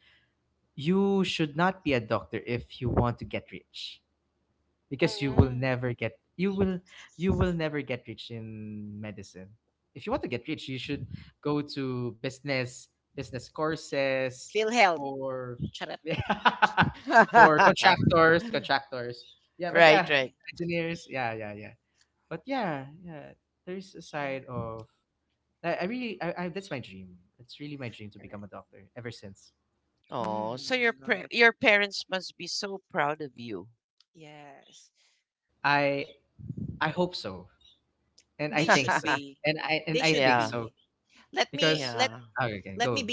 Speaker 3: you should not be a doctor if you want to get rich, because you will
Speaker 2: Mm.
Speaker 3: never get, you will never get rich in medicine. If you want to get rich, you should go to business, courses, or for contractors, contractors. Yeah, but
Speaker 2: right.
Speaker 3: yeah,
Speaker 2: Right.
Speaker 3: engineers. Yeah, yeah, yeah. But yeah, yeah. There's a side of I really I That's my dream. That's really my dream to become a doctor ever since.
Speaker 2: Oh, so your your parents must be so proud of you.
Speaker 3: I I hope so. And I think so. And I think
Speaker 2: yeah,
Speaker 3: so. Because
Speaker 2: yeah.
Speaker 3: okay, okay, go.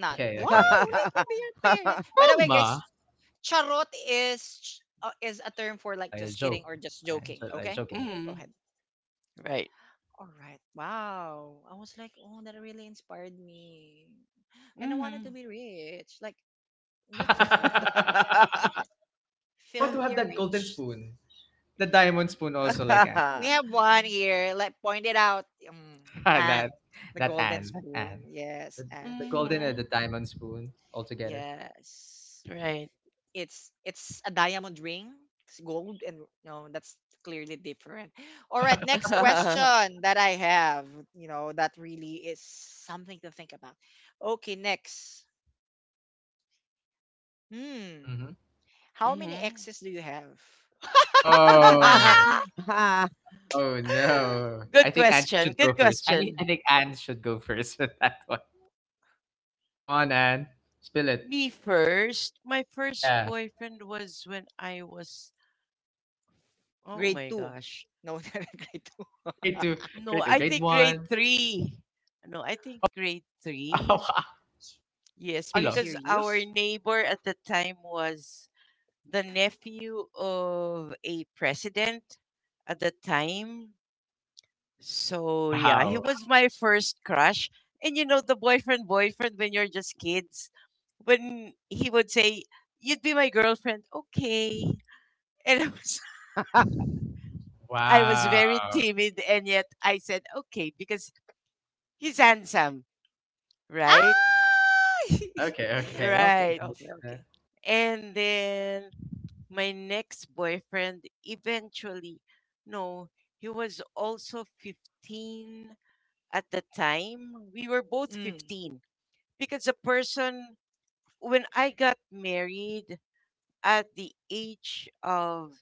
Speaker 3: Okay, okay, okay. Mama, like a joke. I'm just like joking.
Speaker 2: mm, right. Mm-hmm.
Speaker 3: I want to have that golden spoon, the diamond spoon also, like Anne. that, that Anne, that Anne, the, the golden and the
Speaker 2: mm-hmm.
Speaker 3: diamond spoon all together.
Speaker 2: Right. mm-hmm.
Speaker 3: hmm. Oh, oh no.
Speaker 2: good
Speaker 3: I think Anne should
Speaker 2: question.
Speaker 3: go
Speaker 2: Good
Speaker 3: first. I think I
Speaker 2: question.
Speaker 3: think Anne should go first with that one. Come on, Anne. Spill it.
Speaker 2: Me first. My first
Speaker 3: Yeah.
Speaker 2: boyfriend was when I was, oh my gosh,
Speaker 3: Grade two.
Speaker 2: No,
Speaker 3: Grade two.
Speaker 2: I
Speaker 3: Grade
Speaker 2: think grade
Speaker 3: one.
Speaker 2: three. No, I think
Speaker 3: Pup-
Speaker 2: grade three.
Speaker 3: Oh,
Speaker 2: Yes,
Speaker 3: puppy love.
Speaker 2: because our neighbor at the time was the nephew of a president at the time. So yeah, he
Speaker 3: Wow.
Speaker 2: was my first crush. And you know, the boyfriend, when you're just kids, when he would say, You'd be my girlfriend, okay. And I was, I was very
Speaker 3: Wow.
Speaker 2: timid, and yet I said, Okay, because he's handsome,
Speaker 3: Okay.
Speaker 2: right?
Speaker 3: Okay. Okay.
Speaker 2: Right. And then my next boyfriend eventually, no, he was also 15 at the time. We were both 15 because the person, when I got married at the age of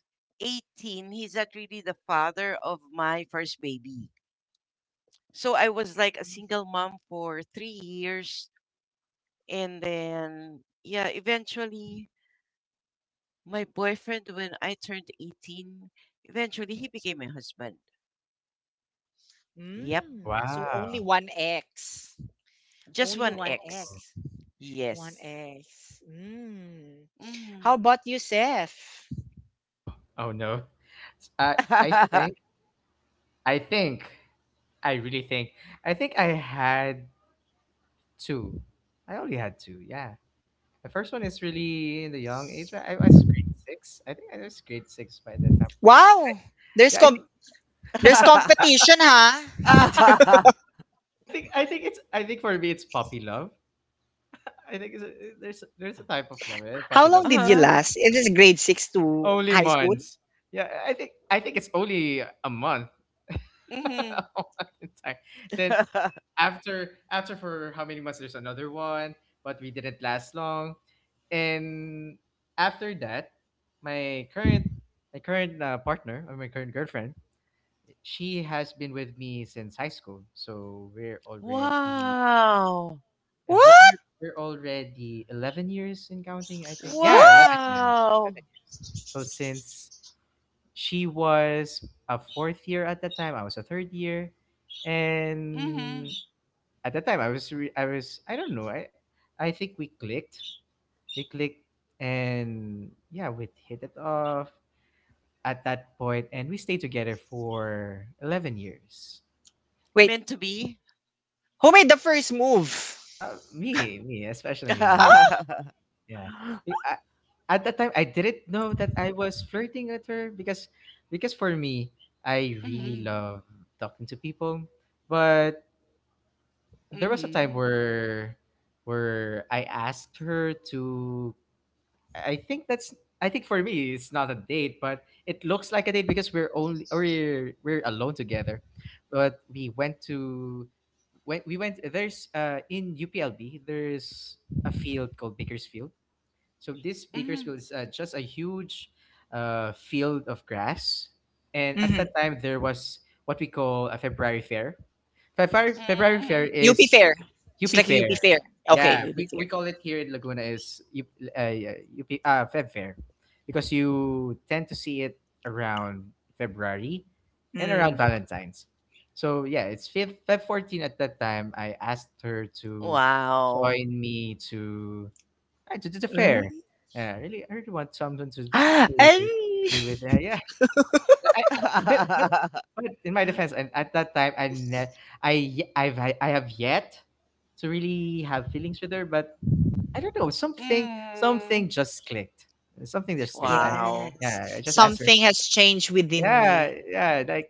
Speaker 2: 18, he's not really the father of my first baby. So I was like a single mom for 3 years. And then, yeah, eventually My boyfriend, when I turned 18, eventually he became my husband. Yep.
Speaker 3: Wow.
Speaker 2: Just one ex.
Speaker 3: Oh.
Speaker 2: Yes. Mm.
Speaker 3: Oh, oh no. I I think I think I really think I had two. I only had two. Yeah. The first one is really in the young age. I was grade six. I think I was grade six by that time. Yeah, I think, I think it's I think for me it's puppy love. I think it's a, there's a type of love, right? Puppy love. Only months. Yeah, I think it's only a month. A
Speaker 2: Mhm.
Speaker 3: month in time. Then after for how many months there's another one, but we didn't last long. And after that, my current, my current partner, or my current girlfriend, she has been with me since high school. So we're already
Speaker 2: wow.
Speaker 3: and we're already 11 years in counting, I think. Yeah, 11 years.
Speaker 2: Wow.
Speaker 3: 11 years. So since she was a fourth year at that time, I was a third year,
Speaker 2: hmm
Speaker 3: and at that time I was, I don't know. I think we clicked. We clicked, and, yeah, we hit it off at that point, and we stayed together for 11 years.
Speaker 2: Meant to be.
Speaker 3: Me, especially me.
Speaker 2: Mhm.
Speaker 3: Yeah. I, at that time, I didn't know that I was flirting with her, because, for me, I really love talking to people. But there was a time
Speaker 2: Mhm.
Speaker 3: where, I asked her to. I think that's, I think, for me, it's not a date, but it looks like a date because we're alone together. But we went to when we went, there's in UPLB there's a field called Bakersfield. So this
Speaker 2: Mhm.
Speaker 3: Bakersfield is, just a huge field of grass, and at that time there was what we call a February fair. February fair
Speaker 2: Mhm.
Speaker 3: is UP Fair. Yeah, we call it here in Laguna, is yeah, UP, Feb Fair, because you tend to see it around February and around Valentine's. So yeah, it's Feb 14 at that time. I asked her to
Speaker 2: Wow.
Speaker 3: join me to, to the fair. I really, want someone to, to be with her. Yeah, I but in my defense, I, at that time, I ne- I y- I've I have yet to really have feelings with her, but I don't know, something
Speaker 2: Mm.
Speaker 3: just clicked, something just clicked.
Speaker 2: Wow.
Speaker 3: Yeah, I just asked her. Yeah, yeah, like,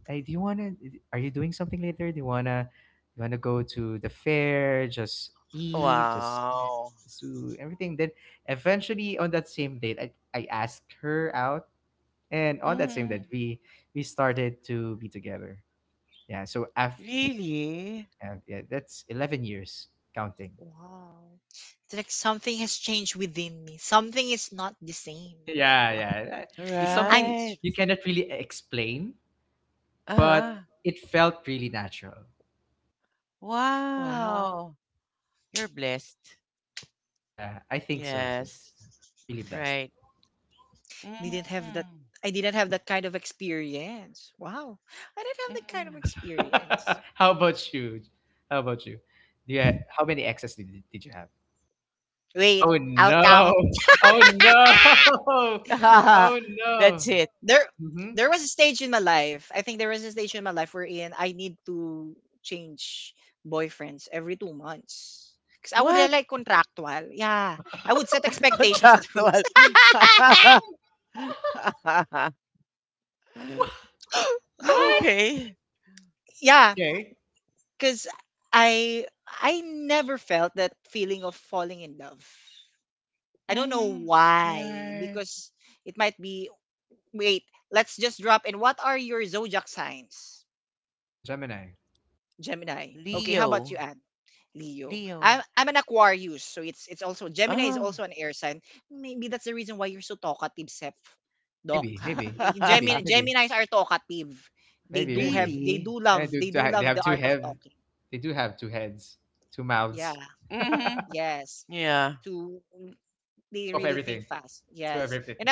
Speaker 3: hey, do you wanna? Are you doing something later? Do you wanna? You wanna go to the fair? Just eat, just
Speaker 2: Wow.
Speaker 3: do everything. Then eventually on that same date, I asked her out, and on that same day,
Speaker 2: hmm
Speaker 3: we started to be together. Yeah, so af
Speaker 2: Really?
Speaker 3: yeah, yeah that's 11 years counting. Yeah, yeah, it's something
Speaker 2: Right.
Speaker 3: you cannot really explain,
Speaker 2: Uh-huh.
Speaker 3: but it felt really natural.
Speaker 2: Wow. You're blessed.
Speaker 3: Yeah, I think so too.
Speaker 2: Yes.
Speaker 3: I'm really blessed.
Speaker 2: Right. hmm hmm
Speaker 3: How about you? How about you? How many exes did, you have? Oh no. Oh no. Oh no.
Speaker 2: That's it.
Speaker 3: Hmm.
Speaker 2: What? Contractual.
Speaker 3: What?
Speaker 2: okay.
Speaker 3: Okay,
Speaker 2: hmm
Speaker 3: what? Gemini.
Speaker 2: Leo. Leo. Oh.
Speaker 3: Maybe, maybe, maybe, maybe, maybe, maybe.
Speaker 2: really?
Speaker 3: And they have two head. They do have two heads, two mouths,
Speaker 2: Hmm Yeah.
Speaker 3: two of everything, two of everything.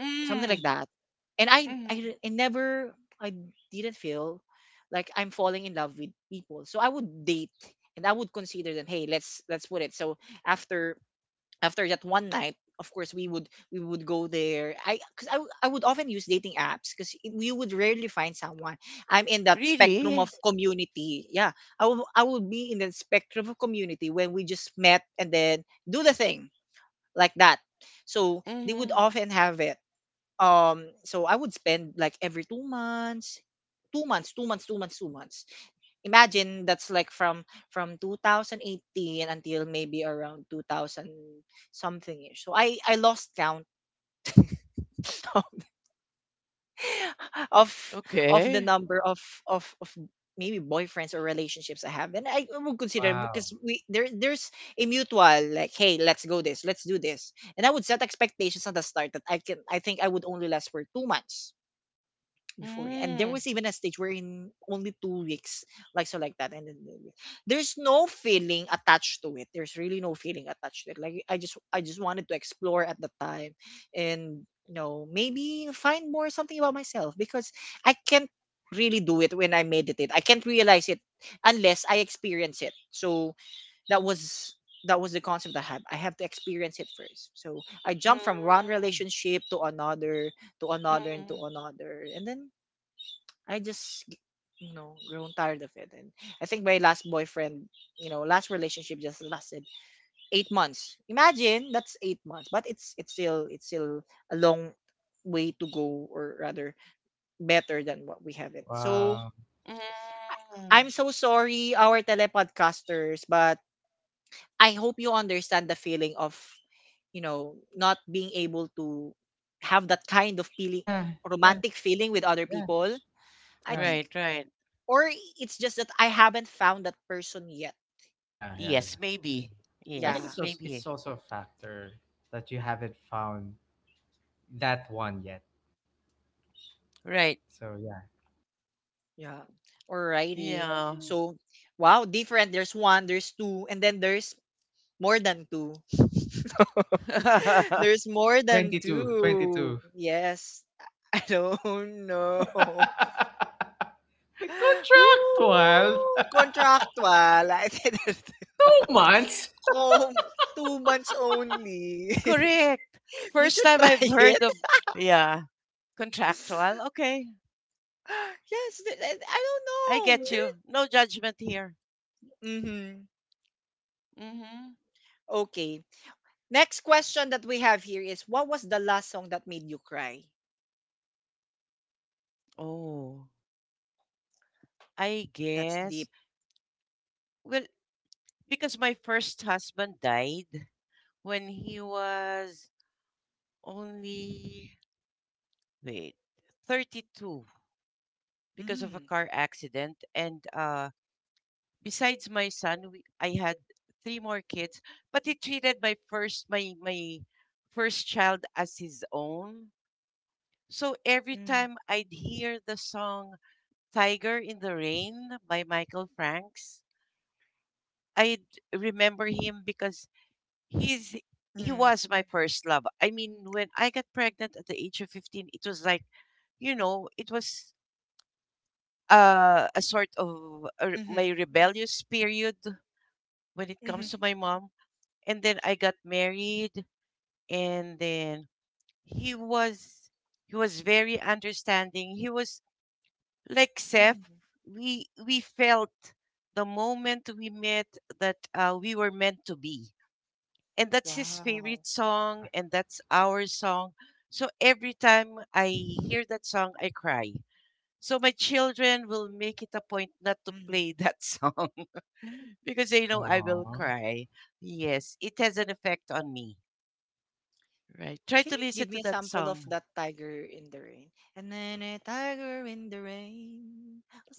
Speaker 2: Mm-hmm. Really? Mm-hmm. Okay.
Speaker 3: Wow.
Speaker 2: Mm-hmm. Mm-hmm.
Speaker 3: Wow.
Speaker 2: Mm-hmm.
Speaker 3: Yeah. Yeah. Yeah. Yeah.
Speaker 2: Right, right.
Speaker 3: Yeah. Yeah.
Speaker 2: Yes,
Speaker 3: Yeah.
Speaker 2: maybe.
Speaker 3: I think
Speaker 2: Yes, maybe.
Speaker 3: it's also a factor that you haven't found that one yet.
Speaker 2: Right.
Speaker 3: So yeah.
Speaker 2: Yeah.
Speaker 3: 22. 22. Contractual. 2 months.
Speaker 2: Correct. First time I've heard of, yeah, contractual. Okay. I get you. No judgment here. Mm-hmm. Oh, I guess. Well, because my first husband died when he was only wait 32 because of a car accident, and besides my son, I had three more kids, but he treated my first child as his own. So every time I'd hear the song "Tiger in the Rain" by Michael Franks, I'd remember him, because he's he was my first love. I mean, when I got pregnant at the age of 15, it was like, it was a sort of my rebellious period when it comes to my mom. And then I got married, and then he was very understanding. He was like, Seth, we felt the moment we met that we were meant to be. And that's his favorite song, and that's our song. So every time I hear that song, I cry. So my children will make it a point not to play that song because they know I will
Speaker 3: Aww.
Speaker 2: cry. Yes, it has an effect on me. Right. Try to listen to that song.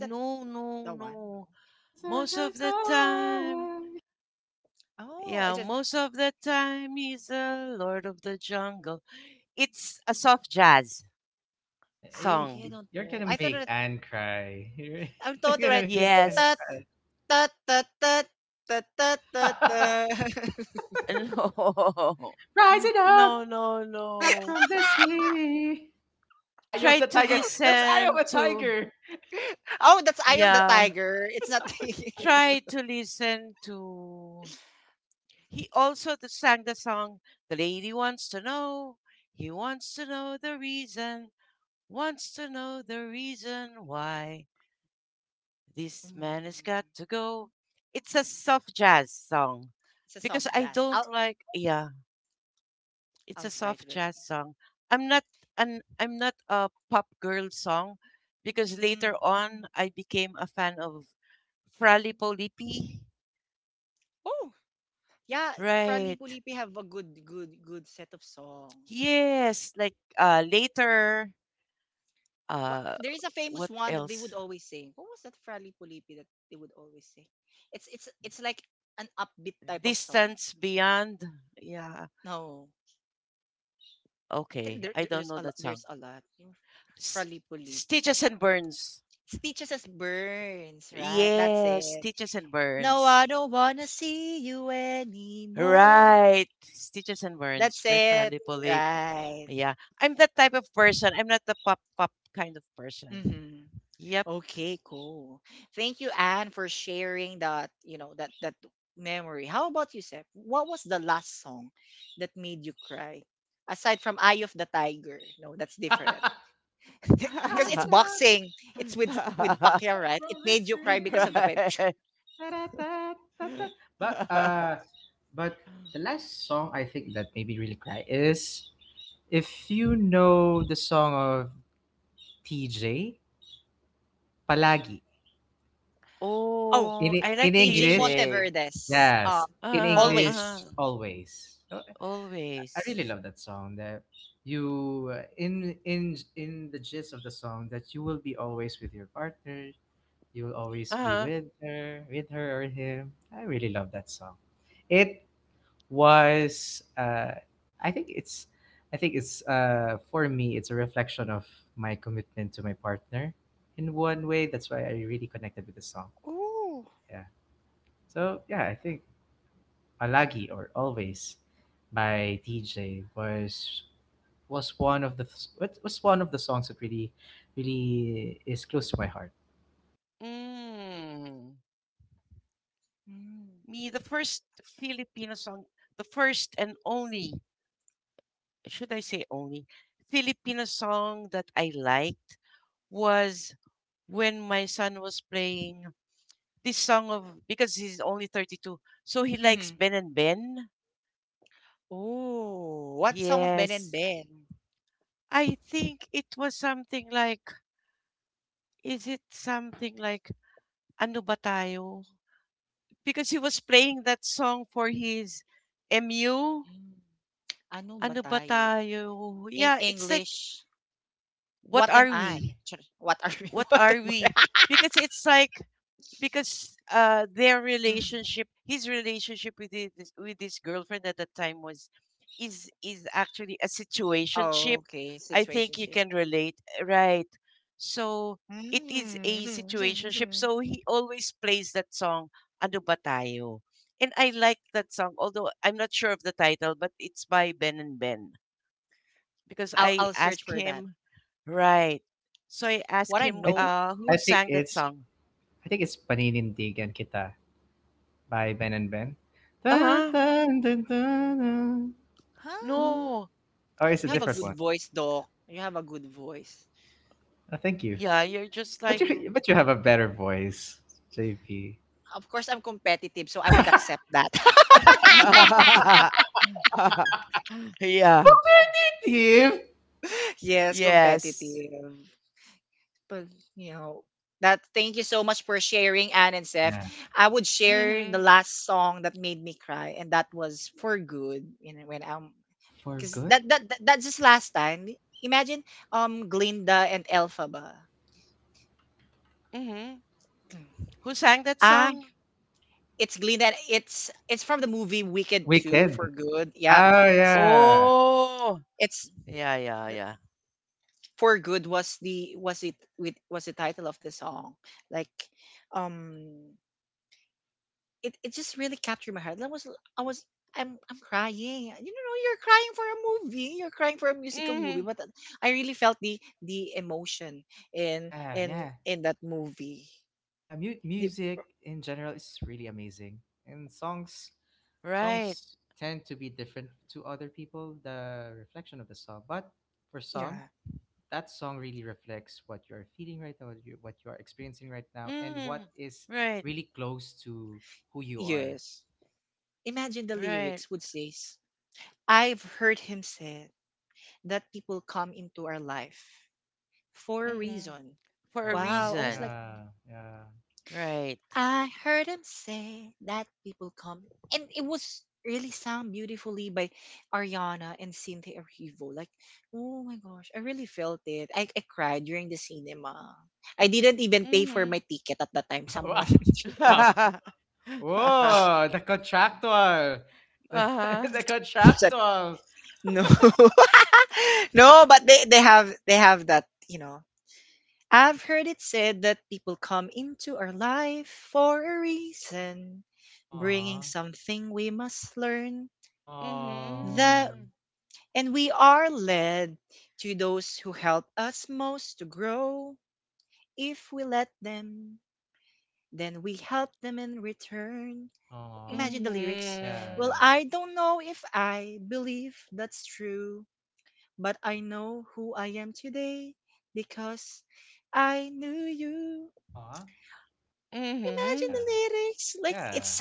Speaker 2: No, no, no. Most of the time, yeah, most of the time he's the Lord of the Jungle. It's a soft jazz
Speaker 3: Hey,
Speaker 2: song.
Speaker 3: you're gonna make Anne cry. You're, you're gonna make
Speaker 2: Yes.
Speaker 3: Anne cry.
Speaker 2: No.
Speaker 3: Rising up,
Speaker 2: No, no,
Speaker 3: back
Speaker 2: no.
Speaker 3: from the street. Eye of
Speaker 2: Try
Speaker 3: the
Speaker 2: to
Speaker 3: tiger. That's Eye
Speaker 2: listen
Speaker 3: of a
Speaker 2: to,
Speaker 3: tiger.
Speaker 2: yeah.
Speaker 3: That's Eye of the
Speaker 2: Try
Speaker 3: tiger.
Speaker 2: to listen to, he also sang the song, "The Lady Wants to Know." He wants to know the reason, wants to know the reason why this man has got to go. It's a soft jazz song, because I don't like, yeah, it's a soft jazz song. i'm not I'm not a pop girl song, because later on I became a fan of Frali Polipi, right. Yes, like later, uh what else? Distance Beyond. Yeah. Okay. I don't know that song. S- Stitches and Burns. Yes, Stitches and Burns. Right. Stitches and Burns by Fally Polip. Yeah. I'm that type of person. I'm not the pop kind of person. Yep.
Speaker 3: Rising up, back from the street.
Speaker 2: right.
Speaker 3: Da, da, da, da, da. But uh, but the last song I think that made me really cry is, if you know the song of TJ, Palagi,
Speaker 2: Oh, I like
Speaker 3: In English,
Speaker 2: TJ.
Speaker 3: yes, in
Speaker 2: Uh-huh,
Speaker 3: English,
Speaker 2: uh-huh.
Speaker 3: always. So, I
Speaker 2: Always.
Speaker 3: really love that song, that you, in the gist of the song, that you will be always with your partner, you will always be
Speaker 2: Uh-huh.
Speaker 3: with her or him. I really love that song. It was, I think it's I think it's, for me it's a reflection of my commitment to my partner, in one way. That's why I really connected with the song. Yeah. So yeah, I think Alagi or Always by DJ was, one of the what was one of the songs that really, is close to my heart.
Speaker 2: Mm. Me, the first Filipino song, the first and only, should I say only, Filipino song that I liked was when my son was playing this song of, because he's only 32, so he likes Ben and Ben. Yes. I think it was something like, is it something like, ano ba tayo? Because he was playing that song for his MU. Ano ba tayo? Yeah, it's like, what are we? What are we? Because it's like, because their relationship, his relationship with this with his girlfriend at that time was is actually a situationship. I think you can relate, right? So it is a situationship, so he always plays that song, ano ba tayo. And I like that song, although I'm not sure of the title, but it's by Ben and Ben, because I asked him, right. So I asked him
Speaker 3: I think
Speaker 2: who
Speaker 3: I think
Speaker 2: sang that
Speaker 3: it's
Speaker 2: song.
Speaker 3: I think it's Paninindigan Kita by Ben and Ben. Dun,
Speaker 2: Uh-huh.
Speaker 3: dun, dun, dun, dun, dun.
Speaker 2: No,
Speaker 3: Or it's a different
Speaker 2: it's,
Speaker 3: one. Oh, thank you.
Speaker 2: yeah, you're just like
Speaker 3: But you have a better voice, JP. Competitive.
Speaker 2: yeah,
Speaker 3: Yeah.
Speaker 2: yes. Mhm.
Speaker 3: For good.
Speaker 2: Mhm. Who sang that song?
Speaker 3: Weekend. Oh yeah.
Speaker 2: Oh, yeah, yeah, yeah. Mhm.
Speaker 3: Yeah, yeah. Yeah, music in general is really amazing, and
Speaker 2: Right.
Speaker 3: songs tend to be different to other people, the reflection of the song, but for some, that song really reflects what you are feeling right now, what you are experiencing right now, and what
Speaker 2: Mhm.
Speaker 3: is
Speaker 2: Right.
Speaker 3: really close to who you are.
Speaker 2: Right. Mhm. For a
Speaker 3: Oh
Speaker 2: reason.
Speaker 3: yeah, yeah.
Speaker 2: Right. Mhm.
Speaker 3: Wow. Wow. Whoa, the contractual. The,
Speaker 2: uh-huh.
Speaker 3: contractual. Aw. Oh.
Speaker 2: Mhm.
Speaker 3: Aw, yeah,
Speaker 2: Mhm.
Speaker 3: yeah. Aw,
Speaker 2: Mhm.
Speaker 3: yeah, yeah,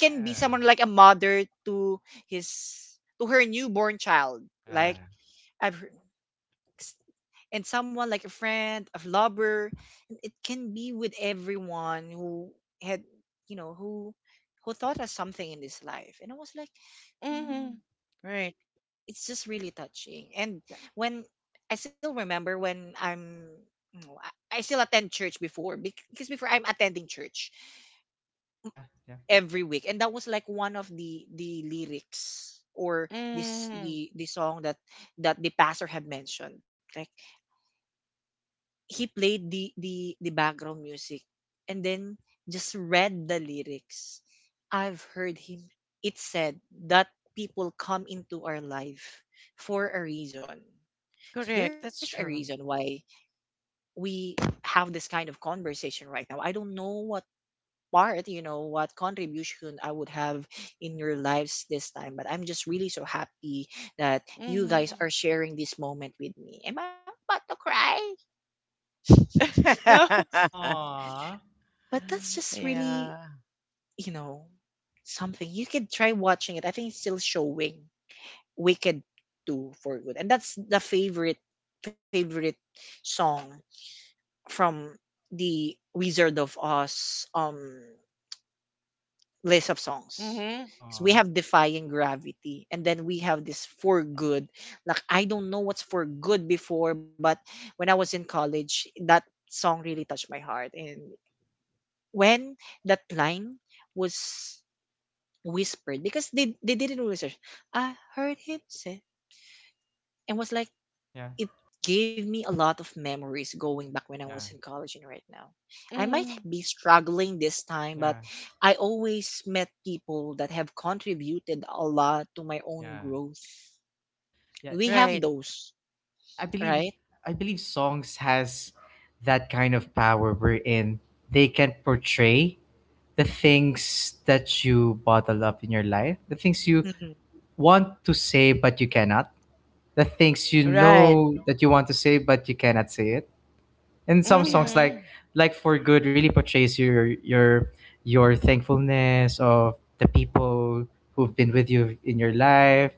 Speaker 3: yeah, yeah,
Speaker 2: Mhm. Right.
Speaker 3: yeah, yeah, yeah,
Speaker 2: Mm,
Speaker 3: yeah.
Speaker 2: correct. That's true. Mm-hmm.
Speaker 3: Aw,
Speaker 2: yeah. Mm-hmm.
Speaker 3: aw, yeah, yeah,
Speaker 2: Mm-hmm.
Speaker 3: yeah, yeah, yeah. that's-
Speaker 2: Right.
Speaker 3: Yeah, I believe, songs has that kind of power, wherein they can portray the things that you bottle up in your life, the things you want to say but you cannot, the things you
Speaker 2: Right.
Speaker 3: know that you want to say but you cannot say it, and some songs,
Speaker 2: Mm-hmm.
Speaker 3: like, for good, really portrays your, thankfulness of the people who've been with you in your life,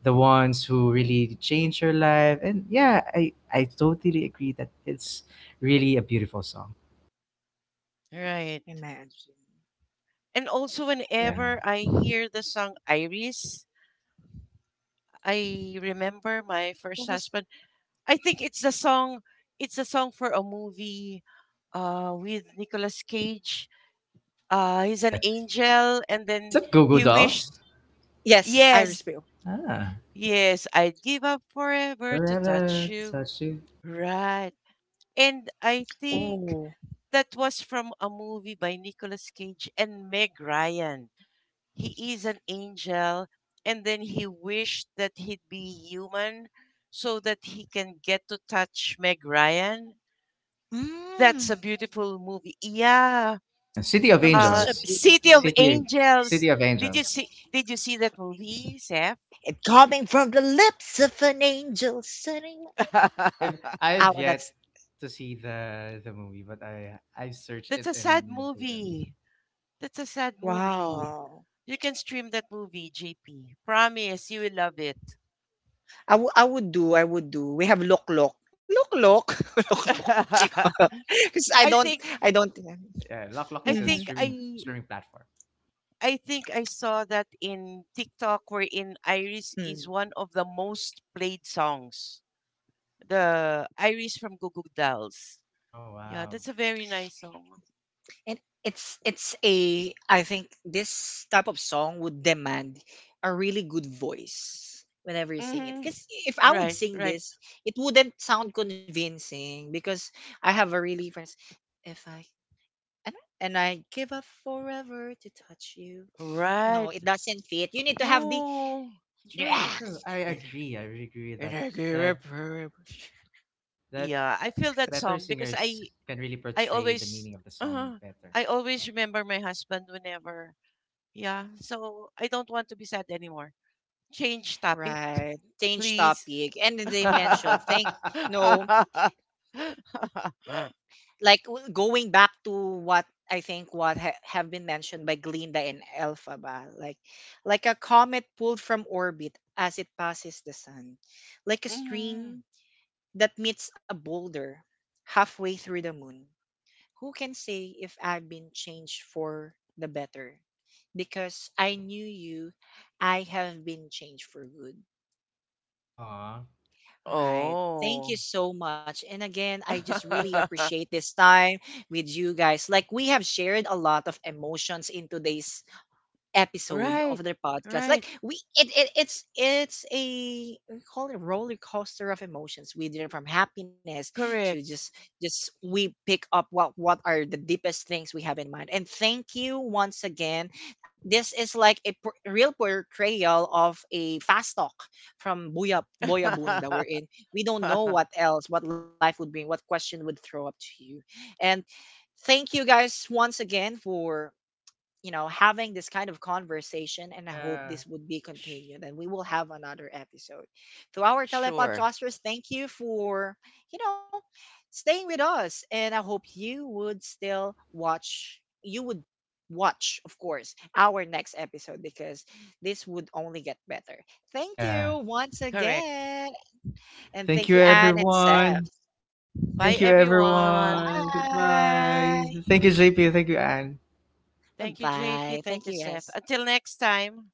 Speaker 3: the ones who really changed your life, and, yeah, I totally agree that it's really a beautiful song.
Speaker 2: Right. And also,
Speaker 3: Yeah.
Speaker 2: whenever I hear the song Iris, I remember my first husband. I think it's the song. It's a song for a movie with Nicolas Cage. He's an
Speaker 3: The-
Speaker 2: angel, and
Speaker 3: is
Speaker 2: then
Speaker 3: that Google
Speaker 2: he wished.
Speaker 3: dolls?
Speaker 2: Yes,
Speaker 3: Ah,
Speaker 2: Yes, I'd give up forever to touch
Speaker 3: forever to
Speaker 2: you.
Speaker 3: touch you.
Speaker 2: Right. And I think that was from a movie by Nicolas Cage and Meg Ryan. He is an angel, and then he wished that he'd be human so that he can get to touch Meg Ryan. That's a beautiful movie. Yeah.
Speaker 3: No,
Speaker 2: City of
Speaker 3: city
Speaker 2: Angels.
Speaker 3: city of
Speaker 2: Did you
Speaker 3: angels
Speaker 2: see? Did you see that movie, Seth?
Speaker 3: I've I've yet to see the, movie, but I have searched
Speaker 2: That's
Speaker 3: it
Speaker 2: a sad
Speaker 3: in Google.
Speaker 2: movie. That's a sad movie. You can stream that movie, JP. Promise you will love it. I think
Speaker 3: Yeah, Lock Lock
Speaker 2: I
Speaker 3: is a
Speaker 2: think I
Speaker 3: streaming platform.
Speaker 2: I think I saw that in TikTok wherein Iris is one of the most played songs. The Iris from Goo Goo Dolls.
Speaker 3: Oh
Speaker 2: Yeah,
Speaker 3: wow.
Speaker 2: that's a very nice song. Mm-hmm.
Speaker 3: Yeah.
Speaker 2: Right, right, right. Oh,
Speaker 3: That's true, true. I agree. I really agree with that that
Speaker 2: yeah. I feel that
Speaker 3: better
Speaker 2: song because
Speaker 3: singers can really
Speaker 2: I
Speaker 3: portray the
Speaker 2: always
Speaker 3: meaning of the song
Speaker 2: uh,
Speaker 3: better.
Speaker 2: I always remember my husband whenever. Yeah, so I don't want to be sad anymore. Change topic, please. Mhm.
Speaker 3: Aw.
Speaker 2: Oh. right, right, correct.
Speaker 3: Yeah.
Speaker 2: Sh- sure,
Speaker 3: Yeah.
Speaker 2: correct.
Speaker 3: Thank you everyone.
Speaker 2: Bye,
Speaker 3: Thank you
Speaker 2: everyone.
Speaker 3: everyone. Goodbye. Thank you, JP. Thank you, Anne.
Speaker 2: Thank you, JP. Thank you, Seth. Until next time.